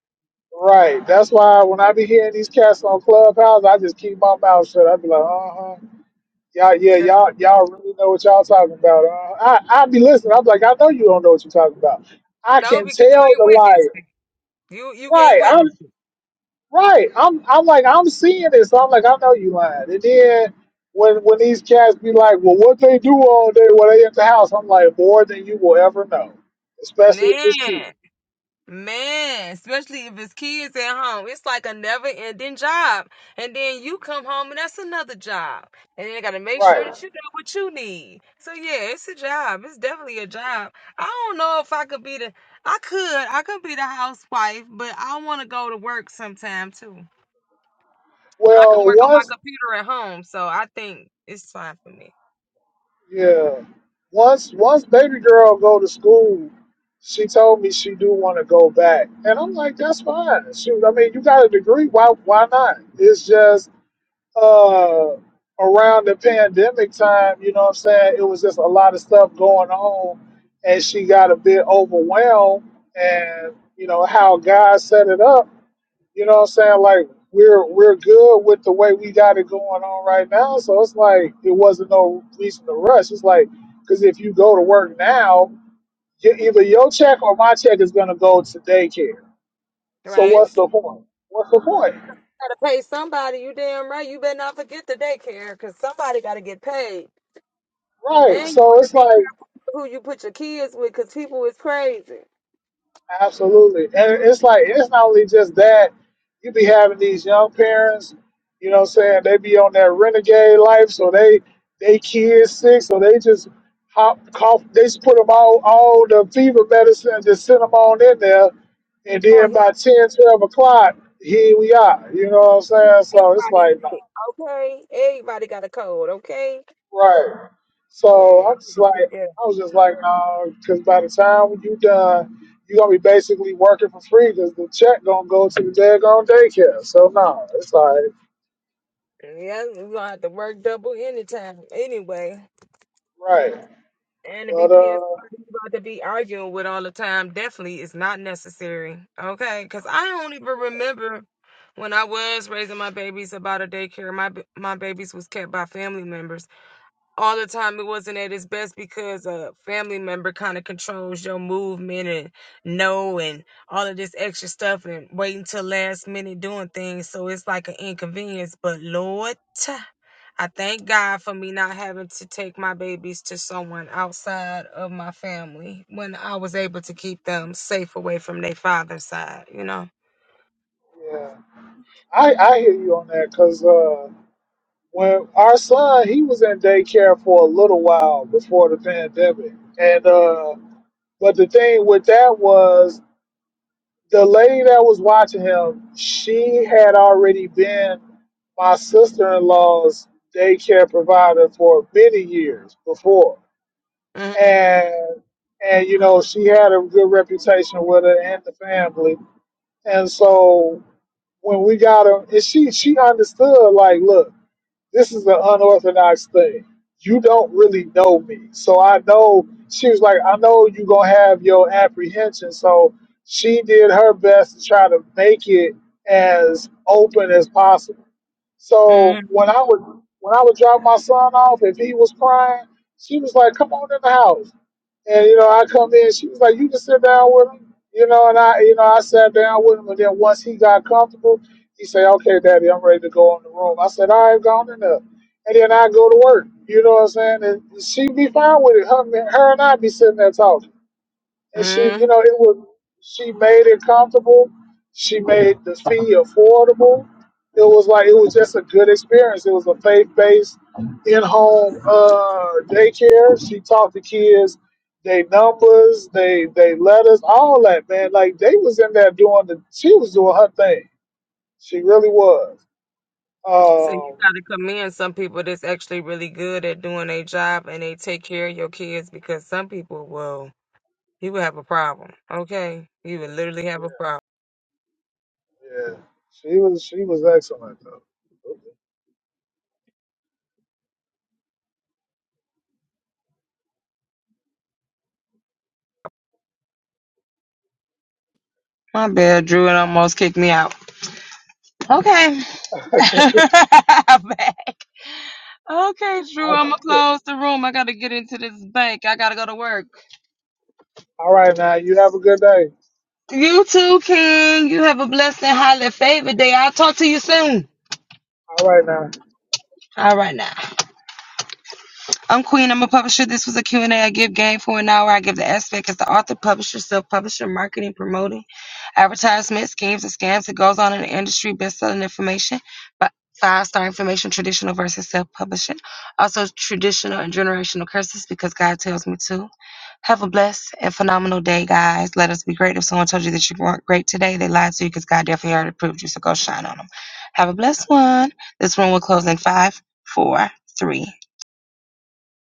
F: Right. That's why when I be hearing these cats on Clubhouse, I just keep my mouth shut. I be like, uh huh. Y'all, yeah,
A: 'Cause
F: y'all, y'all really know what y'all talking about. Uh, I, I be listening. I'm like, I know you don't know what you're talking about. I
A: No,
F: can
A: because you
F: tell the
A: ain't witnessed
F: liar.
A: it. You you ain't
F: Right, I'm
A: witnessed it.
F: right. I'm, I'm like, I'm seeing this. I'm like, I know you lying. And then when, when these cats be like, well, what they do all day when they at the house, I'm like, more than you will ever know, especially if
A: Man,
F: it's kids.
A: man, especially if it's kids at home. It's like a never ending job. And then you come home and that's another job. And then you gotta make
F: Right.
A: sure that you got what you need. So yeah, it's a job. It's definitely a job. I don't know if I could be the I could. I could be the housewife, but I wanna go to work sometime too. But I can
F: Well,
A: work on my
F: once
A: computer at home, so I think it's fine for me.
F: Yeah. Once once baby girl go to school, she told me she do want to go back, and I'm like, that's fine. Shoot, I mean, you got a degree, why why not? It's just uh around the pandemic time, you know what I'm saying? It was just a lot of stuff going on, and she got a bit overwhelmed, and you know how God set it up. You know what I'm saying? Like we're we're good with the way we got it going on right now. So it's like it wasn't no reason to rush. It's like because if you go to work now, you, either your check or my check is gonna go to daycare. So
A: Right?
F: what's the point? What's the point?
A: gotta pay somebody. You damn right. You better not forget the daycare because somebody gotta get paid.
F: Right.
A: And you
F: So
A: gotta
F: it's
A: be
F: like
A: careful who you put your kids with because people is crazy.
F: Absolutely. And it's like it's not only just that, you be having these young parents, you know what I'm saying, they be on that renegade life, so they they kids sick, so they just hop cough they just put them all all the fever medicine and just send them on in there and
A: Oh,
F: then by
A: hell,
F: 10 12 o'clock, here we are. You know what I'm saying? So it's
A: everybody
F: like nah.
A: sick. Okay, everybody got a cold. Okay,
F: Right.
A: yeah, I'm
F: So I'm just like,
A: gonna be good.
F: I was just like, no, because by the time when you done, you gonna be basically working for free because the check gonna go to the daggone daycare. So no, it's like,
A: yeah. You gonna have to work double anytime anyway.
F: right.
A: And to be
F: But
A: pissed
F: uh,
A: you about to be arguing with all the time definitely is not necessary. Okay, because I don't even remember when I was raising my babies about a daycare. My b- my babies was kept by family members all the time. It wasn't at its best because a family member kind of controls your movement and no and all of this extra stuff and waiting till last minute doing things. So it's like an inconvenience. But Lord. I thank God for me not having to take my babies to someone outside of my family when I was able to keep them safe away from their father's side, you know.
F: yeah, I I hear you on that because uh, when our son he was in daycare for a little while before the pandemic, and uh, but the thing with that was the lady that was watching him, she had already been my sister in law's daycare provider for many years before.
A: Mm,
F: And and you know, she had a good reputation with her and the family. And so when we got her and she she understood like, look, this is an unorthodox thing. You don't really know me. So I know she was like, I know you gonna have your apprehension. So she did her best to try to make it as open as possible. So
A: mm,
F: when I would when I would drop my son off, if he was crying, she was like, Come on in the house. And you know, I come in, she was like, "You can sit down with him," you know, and I, you know, I sat down with him, and then once he got comfortable, he said, "Okay, Daddy, I'm ready to go in the room." I said, "All right, gone enough," and then I go to work. You know what I'm saying? And she be fine with it. Her, her and I be sitting there talking and she,
A: mm.
F: you know, it was She made it comfortable. She made the fee affordable. It was like it was just a good experience. It was a faith-based in-home uh, daycare. She taught the kids they numbers, they they letters, all that man. Like they was in there doing the. She was doing her thing. She really was.
A: So you
F: Um,
A: gotta commend some people that's actually really good at doing their job and they take care of your kids because some people will you will have a problem. Okay. You will literally have a problem.
F: yeah, yeah. She was she was excellent though.
A: My bad, Drew, it almost kicked me out. Okay. I'm back. Okay, Drew, I'm gonna close the room. I gotta get into this bank. I gotta go to work.
F: All right now, you have a good day.
A: You too, King. You have a blessed and highly favored day. I'll talk to you soon.
F: All right now.
A: All right now. I'm Queen. I'm a publisher. This was a Q and A. I give game for an hour. I give the aspect as the author, publisher, self-publisher, marketing, promoting, advertisement, schemes, and scams that goes on in the industry, best-selling information, but five-star information, traditional versus self-publishing. Also, traditional and generational curses because God tells me to. Have a blessed and phenomenal day, guys. Let us be great. If someone told you that you weren't great today, they lied to you because God definitely already proved you, so go shine on them. Have a blessed one. This one will close in five, four, three,